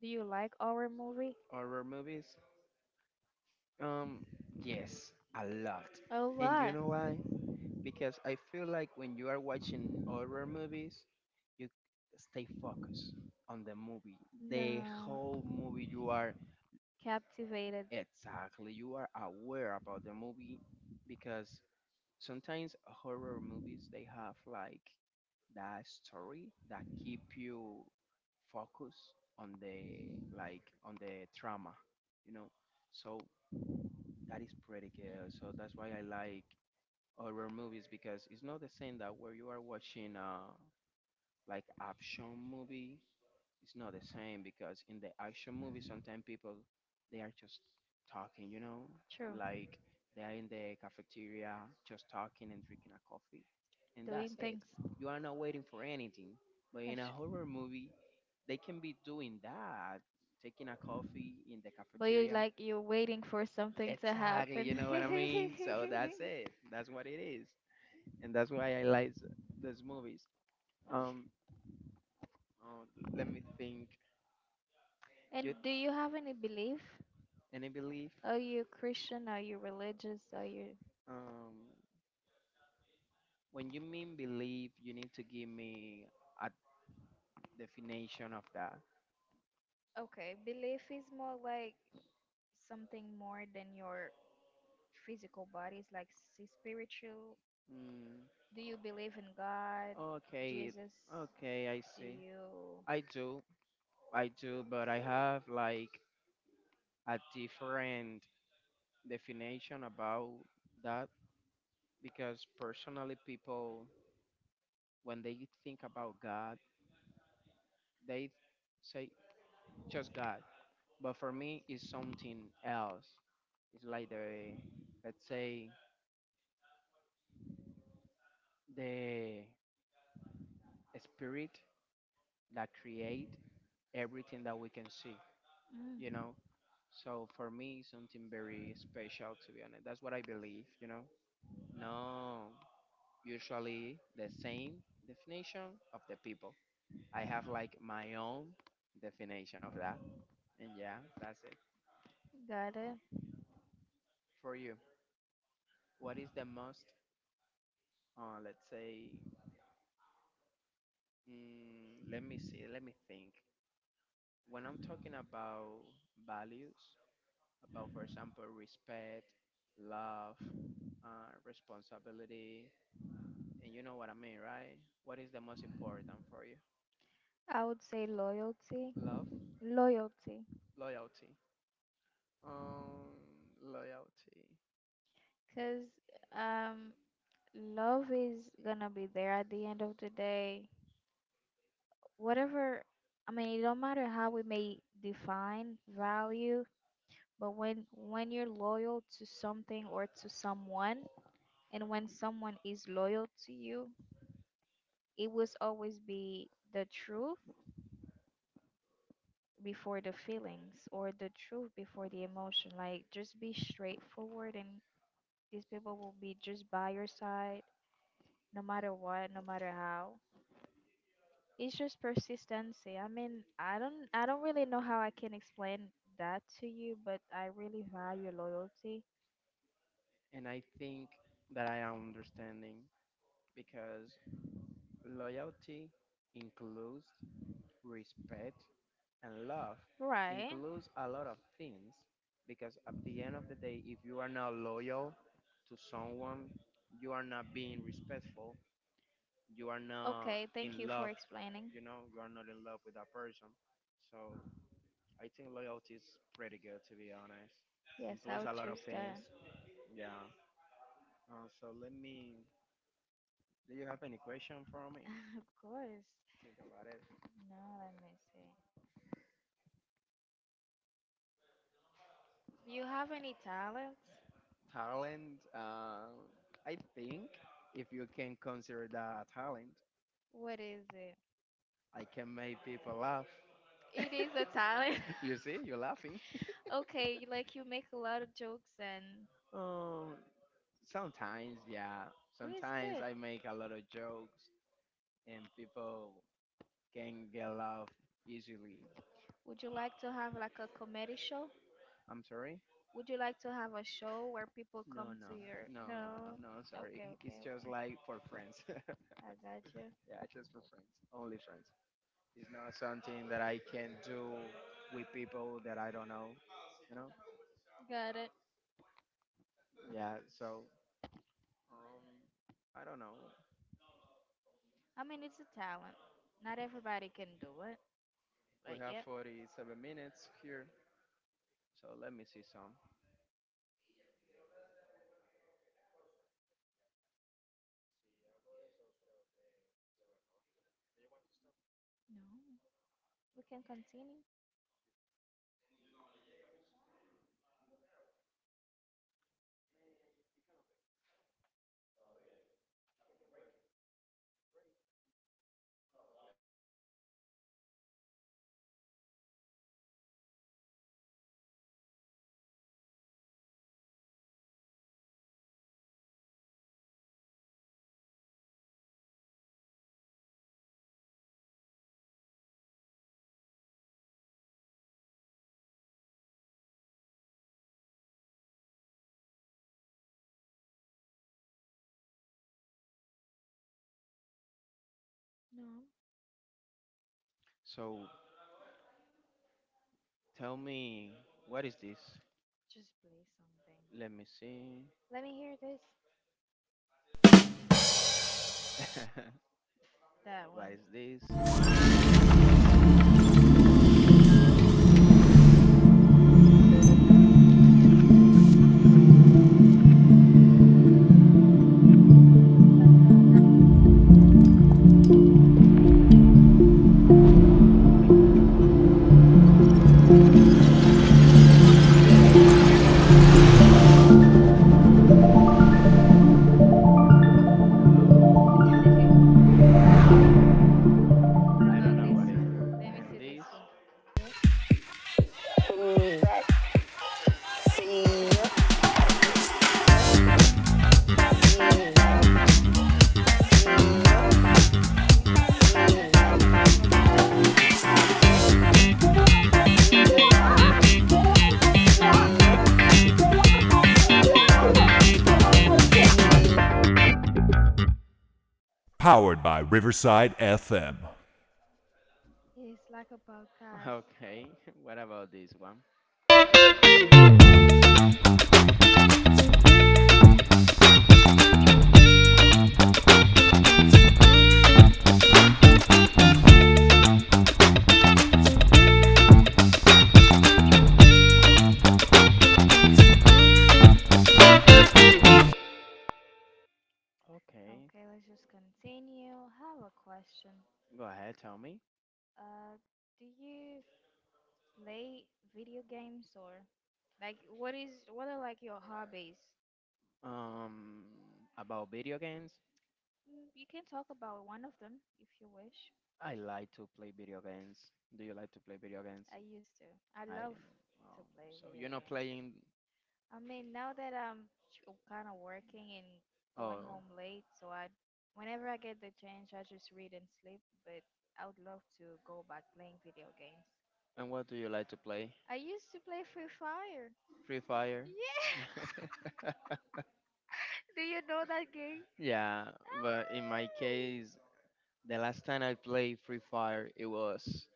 S2: Do you like horror movie?
S1: Horror movies? Um, yes, a lot.
S2: A
S1: And you
S2: lot.
S1: know why? Because I feel like when you are watching horror movies, you stay focused on the movie. The
S2: No.
S1: whole movie you are
S2: Captivated.
S1: exactly, you are aware about the movie because sometimes horror movies they have like that story that keep you focused on the like on the trauma, you know. So that is pretty good. So that's why I like horror movies because it's not the same that where you are watching like action movie. It's not the same because in the action movie sometimes people they are just talking you know
S2: True.
S1: like they are in the cafeteria just talking and drinking a coffee and that's
S2: Doing
S1: it,
S2: things.
S1: you are not waiting for anything but in
S2: That's
S1: a
S2: true.
S1: horror movie they can be doing that taking a coffee in the
S2: But you
S1: cafeteria
S2: like you're waiting for something to
S1: exactly,
S2: happen.
S1: you know what I mean, so that's it, that's what it is and that's why I like those movies. um uh, Let me think.
S2: And
S1: You
S2: do you have any belief?
S1: any belief?
S2: Are you Christian? Are you religious? Are you
S1: Um, when you mean believe, you need to give me a definition of that.
S2: Okay, belief is more like something more than your physical body. It's like spiritual.
S1: Mm,
S2: Do you believe in God,
S1: okay,
S2: Jesus?
S1: okay, I
S2: Do
S1: see.
S2: you
S1: I do, I do, but I have like a different definition about that because personally, people, when they think about God, they say just God. But for me, it's something else. It's like the, let's say, the spirit that create everything that we can see, you
S2: mm,
S1: know? So for me, it's something very special, to be honest. That's what I believe, you know? No, usually the same definition of the people. I have like my own definition of that. And yeah, that's it.
S2: got it?
S1: For you, what is the most, let's say, let me see, let me think. When I'm talking about values, about, for example, respect, love, responsibility, and you know what I mean, right? What is the most important for you?
S2: I would say loyalty,
S1: Love,
S2: loyalty,
S1: loyalty, um, loyalty,
S2: because um, love is gonna be there at the end of the day. Whatever, it don't matter how we may define value, but when you're loyal to something or to someone, and when someone is loyal to you, it was always be the truth before the feelings or the truth before the emotion. Like just be straightforward, and these people will be just by your side, no matter what, no matter how. It's just persistency. I don't really know how I can explain that to you, but I really value loyalty.
S1: and I think that I am understanding because loyalty includes respect and love,
S2: Right.
S1: includes a lot of things because at the end of the day if you are not loyal to someone you are not being respectful, you are not
S2: Okay, thank
S1: in
S2: you for
S1: love,
S2: explaining.
S1: you know, you are not in love with that person. So I think loyalty is pretty good to be honest.
S2: Yes, I
S1: Includes
S2: would
S1: a lot of
S2: choose
S1: things.
S2: that.
S1: Yeah. So let me. Do you have any question for me?
S2: Of course.
S1: Think about it.
S2: No, let me see. Do you have any talents?
S1: Talent. I think if you can consider that a talent,
S2: What is it?
S1: I can make people laugh.
S2: It is a talent.
S1: You see, you're laughing.
S2: Okay, like you make a lot of jokes, and
S1: Um, sometimes, yeah.
S2: it is
S1: Sometimes
S2: good.
S1: I make a lot of jokes. And people can get love easily.
S2: Would you like to have like a comedy show?
S1: I'm sorry?
S2: Would you like to have a show where people
S1: No,
S2: come to
S1: no,
S2: your?
S1: no, no, no,
S2: No.
S1: no. Sorry.
S2: Okay, okay,
S1: It's just
S2: okay.
S1: like for friends. Yeah,
S2: I got you.
S1: just for friends. Only friends. It's not something that I can do with people that I don't know. You know?
S2: Got it.
S1: Yeah. So um, I don't know.
S2: I mean it's a talent. Not everybody can do it, but
S1: We have
S2: yeah.
S1: 47 minutes here. So let me see some.
S2: No. We can continue. No.
S1: So tell me, what is this?
S2: Just play something.
S1: Let me see.
S2: Let me hear this. That
S1: What
S2: one.
S1: is this? Oh,
S2: It's a video. I didn't know. Can you close it? I don't think it should be.
S1: wait.
S2: Oh, it looks like an
S1: Like music, interesting. Hello.
S2: advertisement. What
S1: I don't
S2: about
S1: know
S2: this
S1: what is
S2: one? Let me
S1: that. And
S2: see this
S1: this?
S2: one. It's a music. Oh. It feels like as if we're in a podcast. It's like a podcast.
S1: Okay. What about this one?
S2: Hmm
S1: Okay.
S2: Okay, let's just continue. I have a question.
S1: Go ahead, tell me.
S2: Uh, do you play video games, or what are like your hobbies?
S1: Um about video games.
S2: Mm, you can talk about one of them if you wish.
S1: I like to play video games. Do you like to play video games?
S2: I used to. I
S1: I
S2: love to play
S1: so you're
S2: video
S1: not
S2: games.
S1: playing?
S2: I mean, now that I'm kind of working and going
S1: Oh,
S2: home late, so I, whenever I get the chance, I just read and sleep. But I would love to go back playing video games.
S1: and what do you like to play?
S2: I used to play Free Fire.
S1: Free Fire?
S2: Yeah. Do you know that game?
S1: Yeah, but in my case, the last time I played Free Fire, it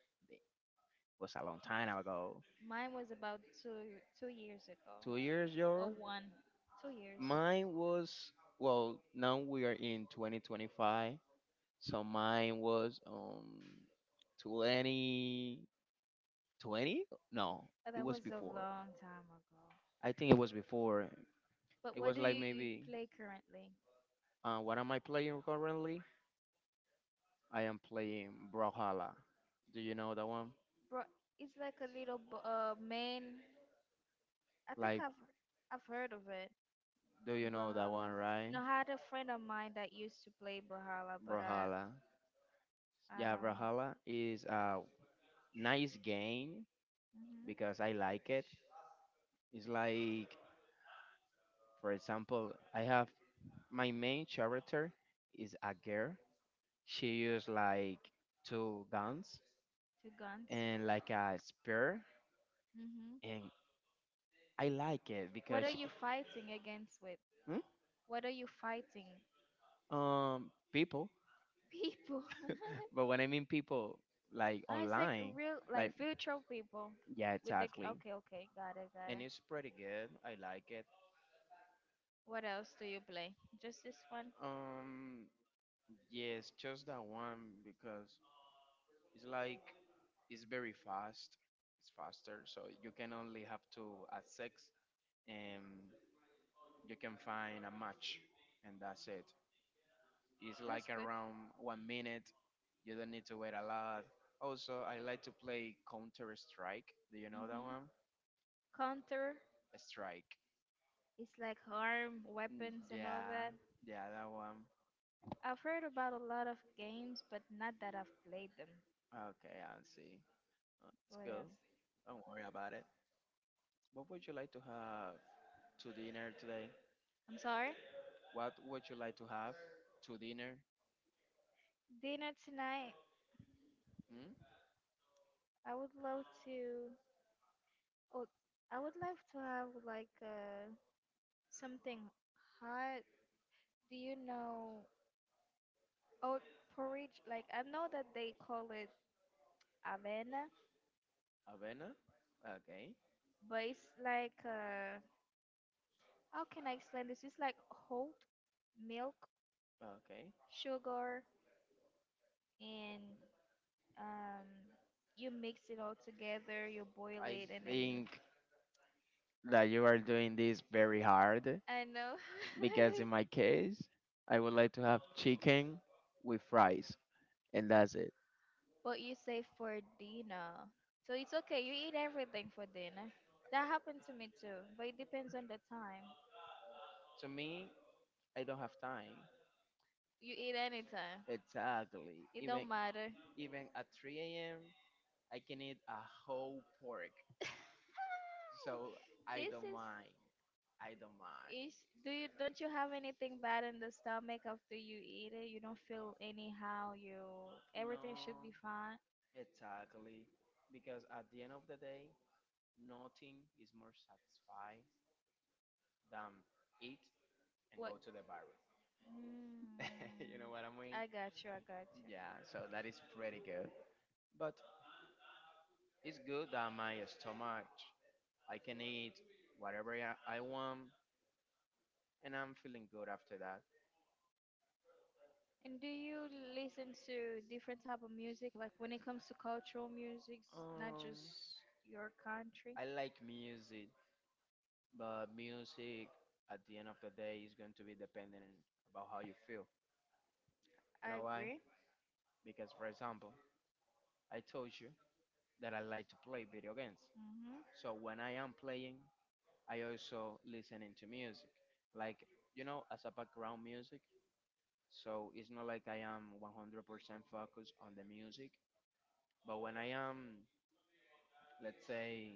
S1: was a long time ago.
S2: Mine was about two years ago,
S1: 2 years,
S2: or
S1: Jor?
S2: one, 2 years.
S1: Mine was, well, now we are in 2025. So mine was 2020? No,
S2: But
S1: it
S2: that
S1: was
S2: was a
S1: before.
S2: long time ago.
S1: I think it was before.
S2: But
S1: It
S2: what
S1: was
S2: do
S1: like
S2: you
S1: maybe,
S2: play currently?
S1: what am I playing currently? I am playing Brawlhalla. Do you know that one?
S2: Bro, it's like a little man. I think
S1: Like,
S2: I've heard of it.
S1: do you know that one,
S2: Brawlhalla.
S1: right?
S2: No, I had a friend of mine that used to play Brawlhalla, but
S1: Brawlhalla.
S2: I
S1: Yeah,
S2: don't.
S1: Brawlhalla is a nice game
S2: Hmm
S1: because I like it. It's like for example, I have my main character is a girl. She used like two guns
S2: Two guns.
S1: and like a spear,
S2: Hmm
S1: and I like it
S2: What
S1: because
S2: are
S1: she,
S2: you fighting against with?
S1: Hmm?
S2: What are you fighting?
S1: People.
S2: People.
S1: But when I mean people, like
S2: Ah, it's like
S1: online,
S2: real,
S1: like
S2: like virtual people
S1: yeah,
S2: with the.
S1: exactly.
S2: Okay, okay, got it, got
S1: And
S2: it.
S1: it's pretty good. I like it.
S2: What else do you play? Just this one?
S1: Um, yes, just that one because it's like it's very fast. It's faster, so you can only have to at six and you can find a match, and that's it. It's
S2: That's
S1: like
S2: good.
S1: around 1 minute. You don't need to wait a lot. Also, I like to play Counter Strike. Do you know that one?
S2: Hmm Counter
S1: Strike.
S2: is like arm, weapons, and all
S1: Yeah,
S2: that.
S1: yeah, that one.
S2: I've heard about a lot of games, but not that I've played them.
S1: Okay, I see. Let's
S2: What
S1: go.
S2: else?
S1: Don't worry about it. What would you like to have to dinner today?
S2: I'm sorry?
S1: What would you like to have to dinner?
S2: Dinner tonight,
S1: Hmm?
S2: I would love to. Oh, I would love to have like something hot. Do you know oat porridge? Like, I know that they call it avena,
S1: Avena? Okay,
S2: but it's like how can I explain this? It's like oat, milk,
S1: okay.
S2: sugar, and um, you mix it all together. You boil
S1: I
S2: it, and then you.
S1: think that you are doing this very hard
S2: I know.
S1: because in my case, I would like to have chicken with fries, and that's it.
S2: But you say for dinner, so it's okay. You eat everything for dinner. That happened to me too, but it depends on the time.
S1: To me, I don't have time.
S2: You eat anytime.
S1: Exactly.
S2: It don't matter.
S1: Even at 3 a.m., I can eat a whole pork. So I
S2: This
S1: don't mind. I don't mind.
S2: is do you don't you have anything bad in the stomach after you eat it? You don't feel anyhow. You Everything should be
S1: No,
S2: fine.
S1: exactly. Because at the end of the day, nothing is more satisfying than eat and
S2: What?
S1: go to the bar.
S2: Mm,
S1: You know what I mean?
S2: I got you. I got you.
S1: Yeah, so that is pretty good. But it's good that my stomach, I can eat whatever I want, and I'm feeling good after that.
S2: And do you listen to different type of music? Like when it comes to cultural music, not just
S1: Um,
S2: your country.
S1: I like music, but music at the end of the day is going to be dependent about how you feel. You
S2: I
S1: know why?
S2: agree.
S1: Because, for example, I told you that I like to play video games.
S2: Hmm
S1: So when I am playing, I also listening to music, like you know, as a background music. So it's not like I am 100% focused on the music. But when I am, let's say,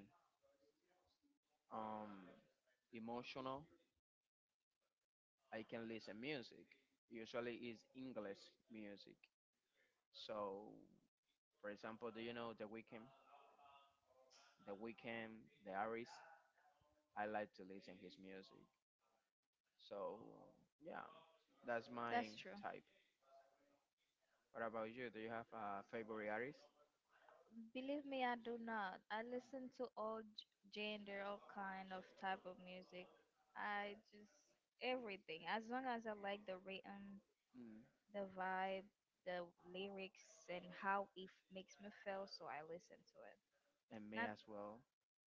S1: um, emotional, I can listen music. Usually it's English music. So, for example, do you know The Weeknd? The Weeknd, the artist. I like to listen his music. So, yeah, that's my
S2: That's true.
S1: type. What about you? Do you have a favorite artist?
S2: Believe me, I do not. I listen to all gender, all kind of type of music. I just everything. As long as I like the rhythm,
S1: Mm,
S2: the vibe, the lyrics, and how it makes me feel, so I listen to it.
S1: and me
S2: Not.
S1: as well.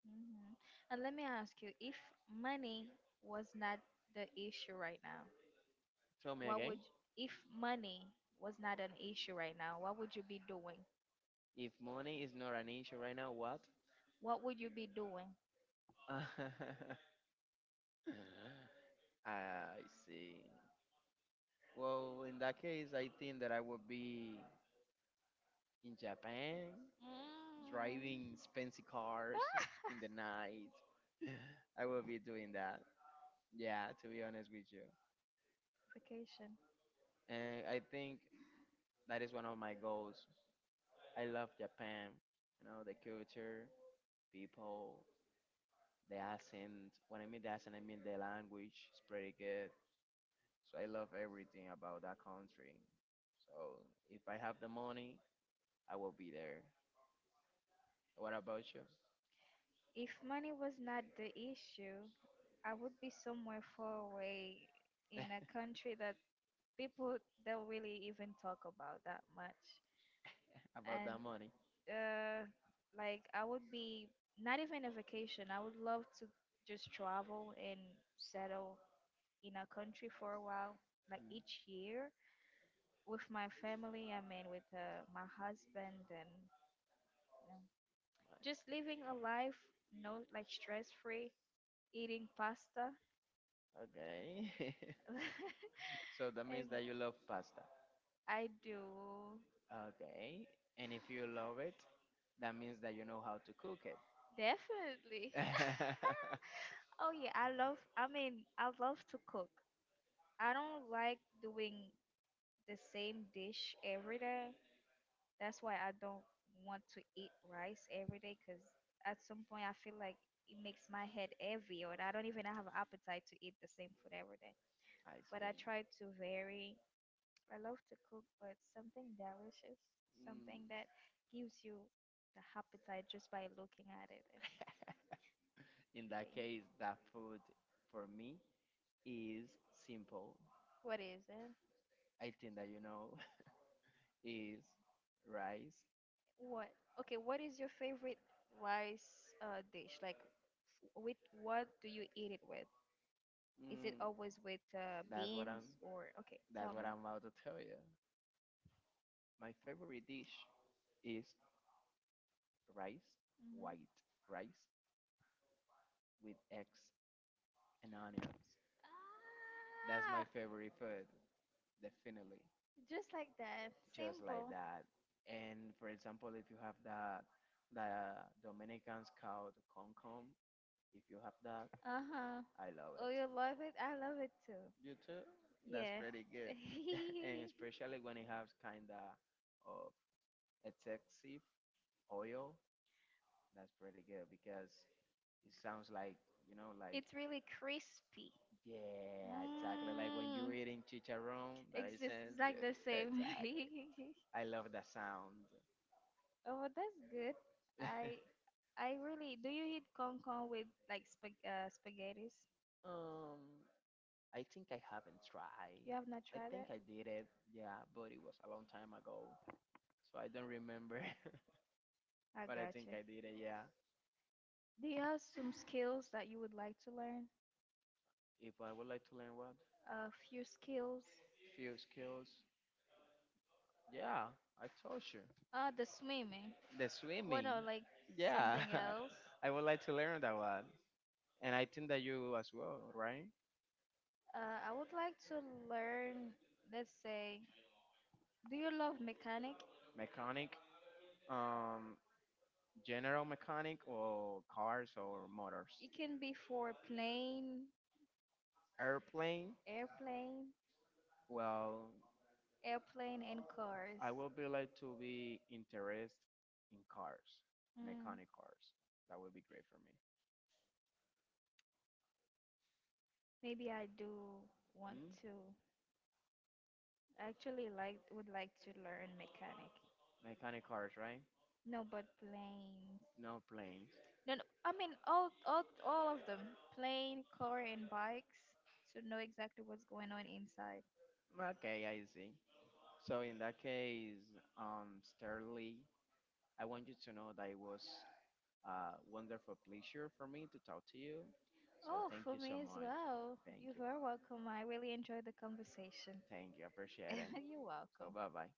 S2: Hmm And let me ask you, if money was not the issue right now,
S1: Tell me
S2: what would
S1: again.
S2: if money was not an issue right now, what would you be doing?
S1: If money is not an issue right now, what?
S2: What would you be doing?
S1: I see. Well, in that case, I think that I would be in Japan,
S2: Mm.
S1: driving fancy cars in the night. I will be doing that. Yeah, to be honest with you.
S2: Vacation.
S1: And I think that is one of my goals. I love Japan, you know, the culture, people, the accent. When I mean the accent, I mean the language. It's pretty good. So I love everything about that country. So if I have the money, I will be there. What about you?
S2: If money was not the issue, I would be somewhere far away in a country that people don't really even talk about that much.
S1: About
S2: And
S1: that money?
S2: uh, like I would be not even a vacation. I would love to just travel and settle in a country for a while, like
S1: Mm.
S2: each year with my family. I mean, with my husband, and just living a life, no, like stress free, eating pasta.
S1: Okay. So that
S2: And
S1: means that you love pasta.
S2: I do.
S1: Okay. And if you love it, that means that you know how to cook it.
S2: Definitely.
S1: I
S2: Oh yeah, I love to cook. I don't like doing the same dish every day. That's why I don't want to eat rice every day, cuz at some point I feel like it makes my head heavy, or I don't even have appetite to eat the same food every day. But I
S1: see.
S2: try to vary. I love to cook, but something delicious,
S1: Mm.
S2: something that gives you the appetite just by looking at it. And
S1: In that case,
S2: wait,
S1: that food for me is simple.
S2: what is it?
S1: I think that you know is rice.
S2: What? Okay, what is your favorite rice dish? Like, with what do you eat it with? Is it
S1: Mm.
S2: always with
S1: That's what
S2: beans
S1: I'm
S2: or? Okay,
S1: that's
S2: tell me.
S1: what I'm about to tell you. My favorite dish is rice,
S2: Hmm
S1: white rice with eggs and onions. That's my
S2: Ah,
S1: favorite food, definitely.
S2: just like that,
S1: Just like
S2: simple.
S1: that. And for example, if you have that, the Dominicans called concom, if you have that,
S2: Uh huh.
S1: I love
S2: Oh,
S1: it.
S2: you love it. I love it too.
S1: You too? That's
S2: Yeah.
S1: pretty good. And especially when it has kind of excessive oil, that's pretty good because it sounds like, you know, like,
S2: It's really crispy.
S1: yeah, exactly. Like when
S2: Mm.
S1: you're eating chicharron, that
S2: It's
S1: I
S2: just
S1: sense.
S2: like the
S1: Yeah,
S2: same.
S1: exactly. I love that sound.
S2: Oh, well, that's good. I I really do you eat con con with like spaghettis?
S1: um, I think I haven't tried.
S2: You have not
S1: I
S2: tried
S1: think
S2: it?
S1: I did it, yeah, but it was a long time ago. So I don't remember,
S2: I
S1: but I think
S2: gotcha.
S1: I did it, yeah.
S2: Do you have some skills that you would like to learn?
S1: If I would like to learn what?
S2: A few skills.
S1: Few skills. Yeah, I told you.
S2: The swimming.
S1: The
S2: What
S1: swimming.
S2: no, like
S1: Yeah,
S2: something else?
S1: I would like to learn that one. And I think that you as well, right?
S2: I would like to learn, let's say, do you love mechanic?
S1: Mechanic, um, general mechanic, or cars or motors.
S2: It can be for plane,
S1: Airplane,
S2: airplane,
S1: well,
S2: airplane, and cars.
S1: I would be like to be interested in cars,
S2: Mm,
S1: mechanic cars. That would be great for me.
S2: maybe I do want
S1: Hmm?
S2: to. I actually would like to learn mechanic.
S1: Mechanic cars, right?
S2: No, but planes.
S1: No planes.
S2: No, no. I mean all of them. Plane, car, and bikes. To know exactly what's going on inside.
S1: Okay, I see. So in that case, Sterling, I want you to know that it was a wonderful pleasure for me to talk to you. So
S2: Oh,
S1: thank
S2: for
S1: you so
S2: me as
S1: much.
S2: well.
S1: Thank
S2: You're
S1: you for
S2: very
S1: that.
S2: welcome. I really enjoyed the conversation.
S1: Thank you. Appreciate it.
S2: You're
S1: So
S2: welcome.
S1: bye bye.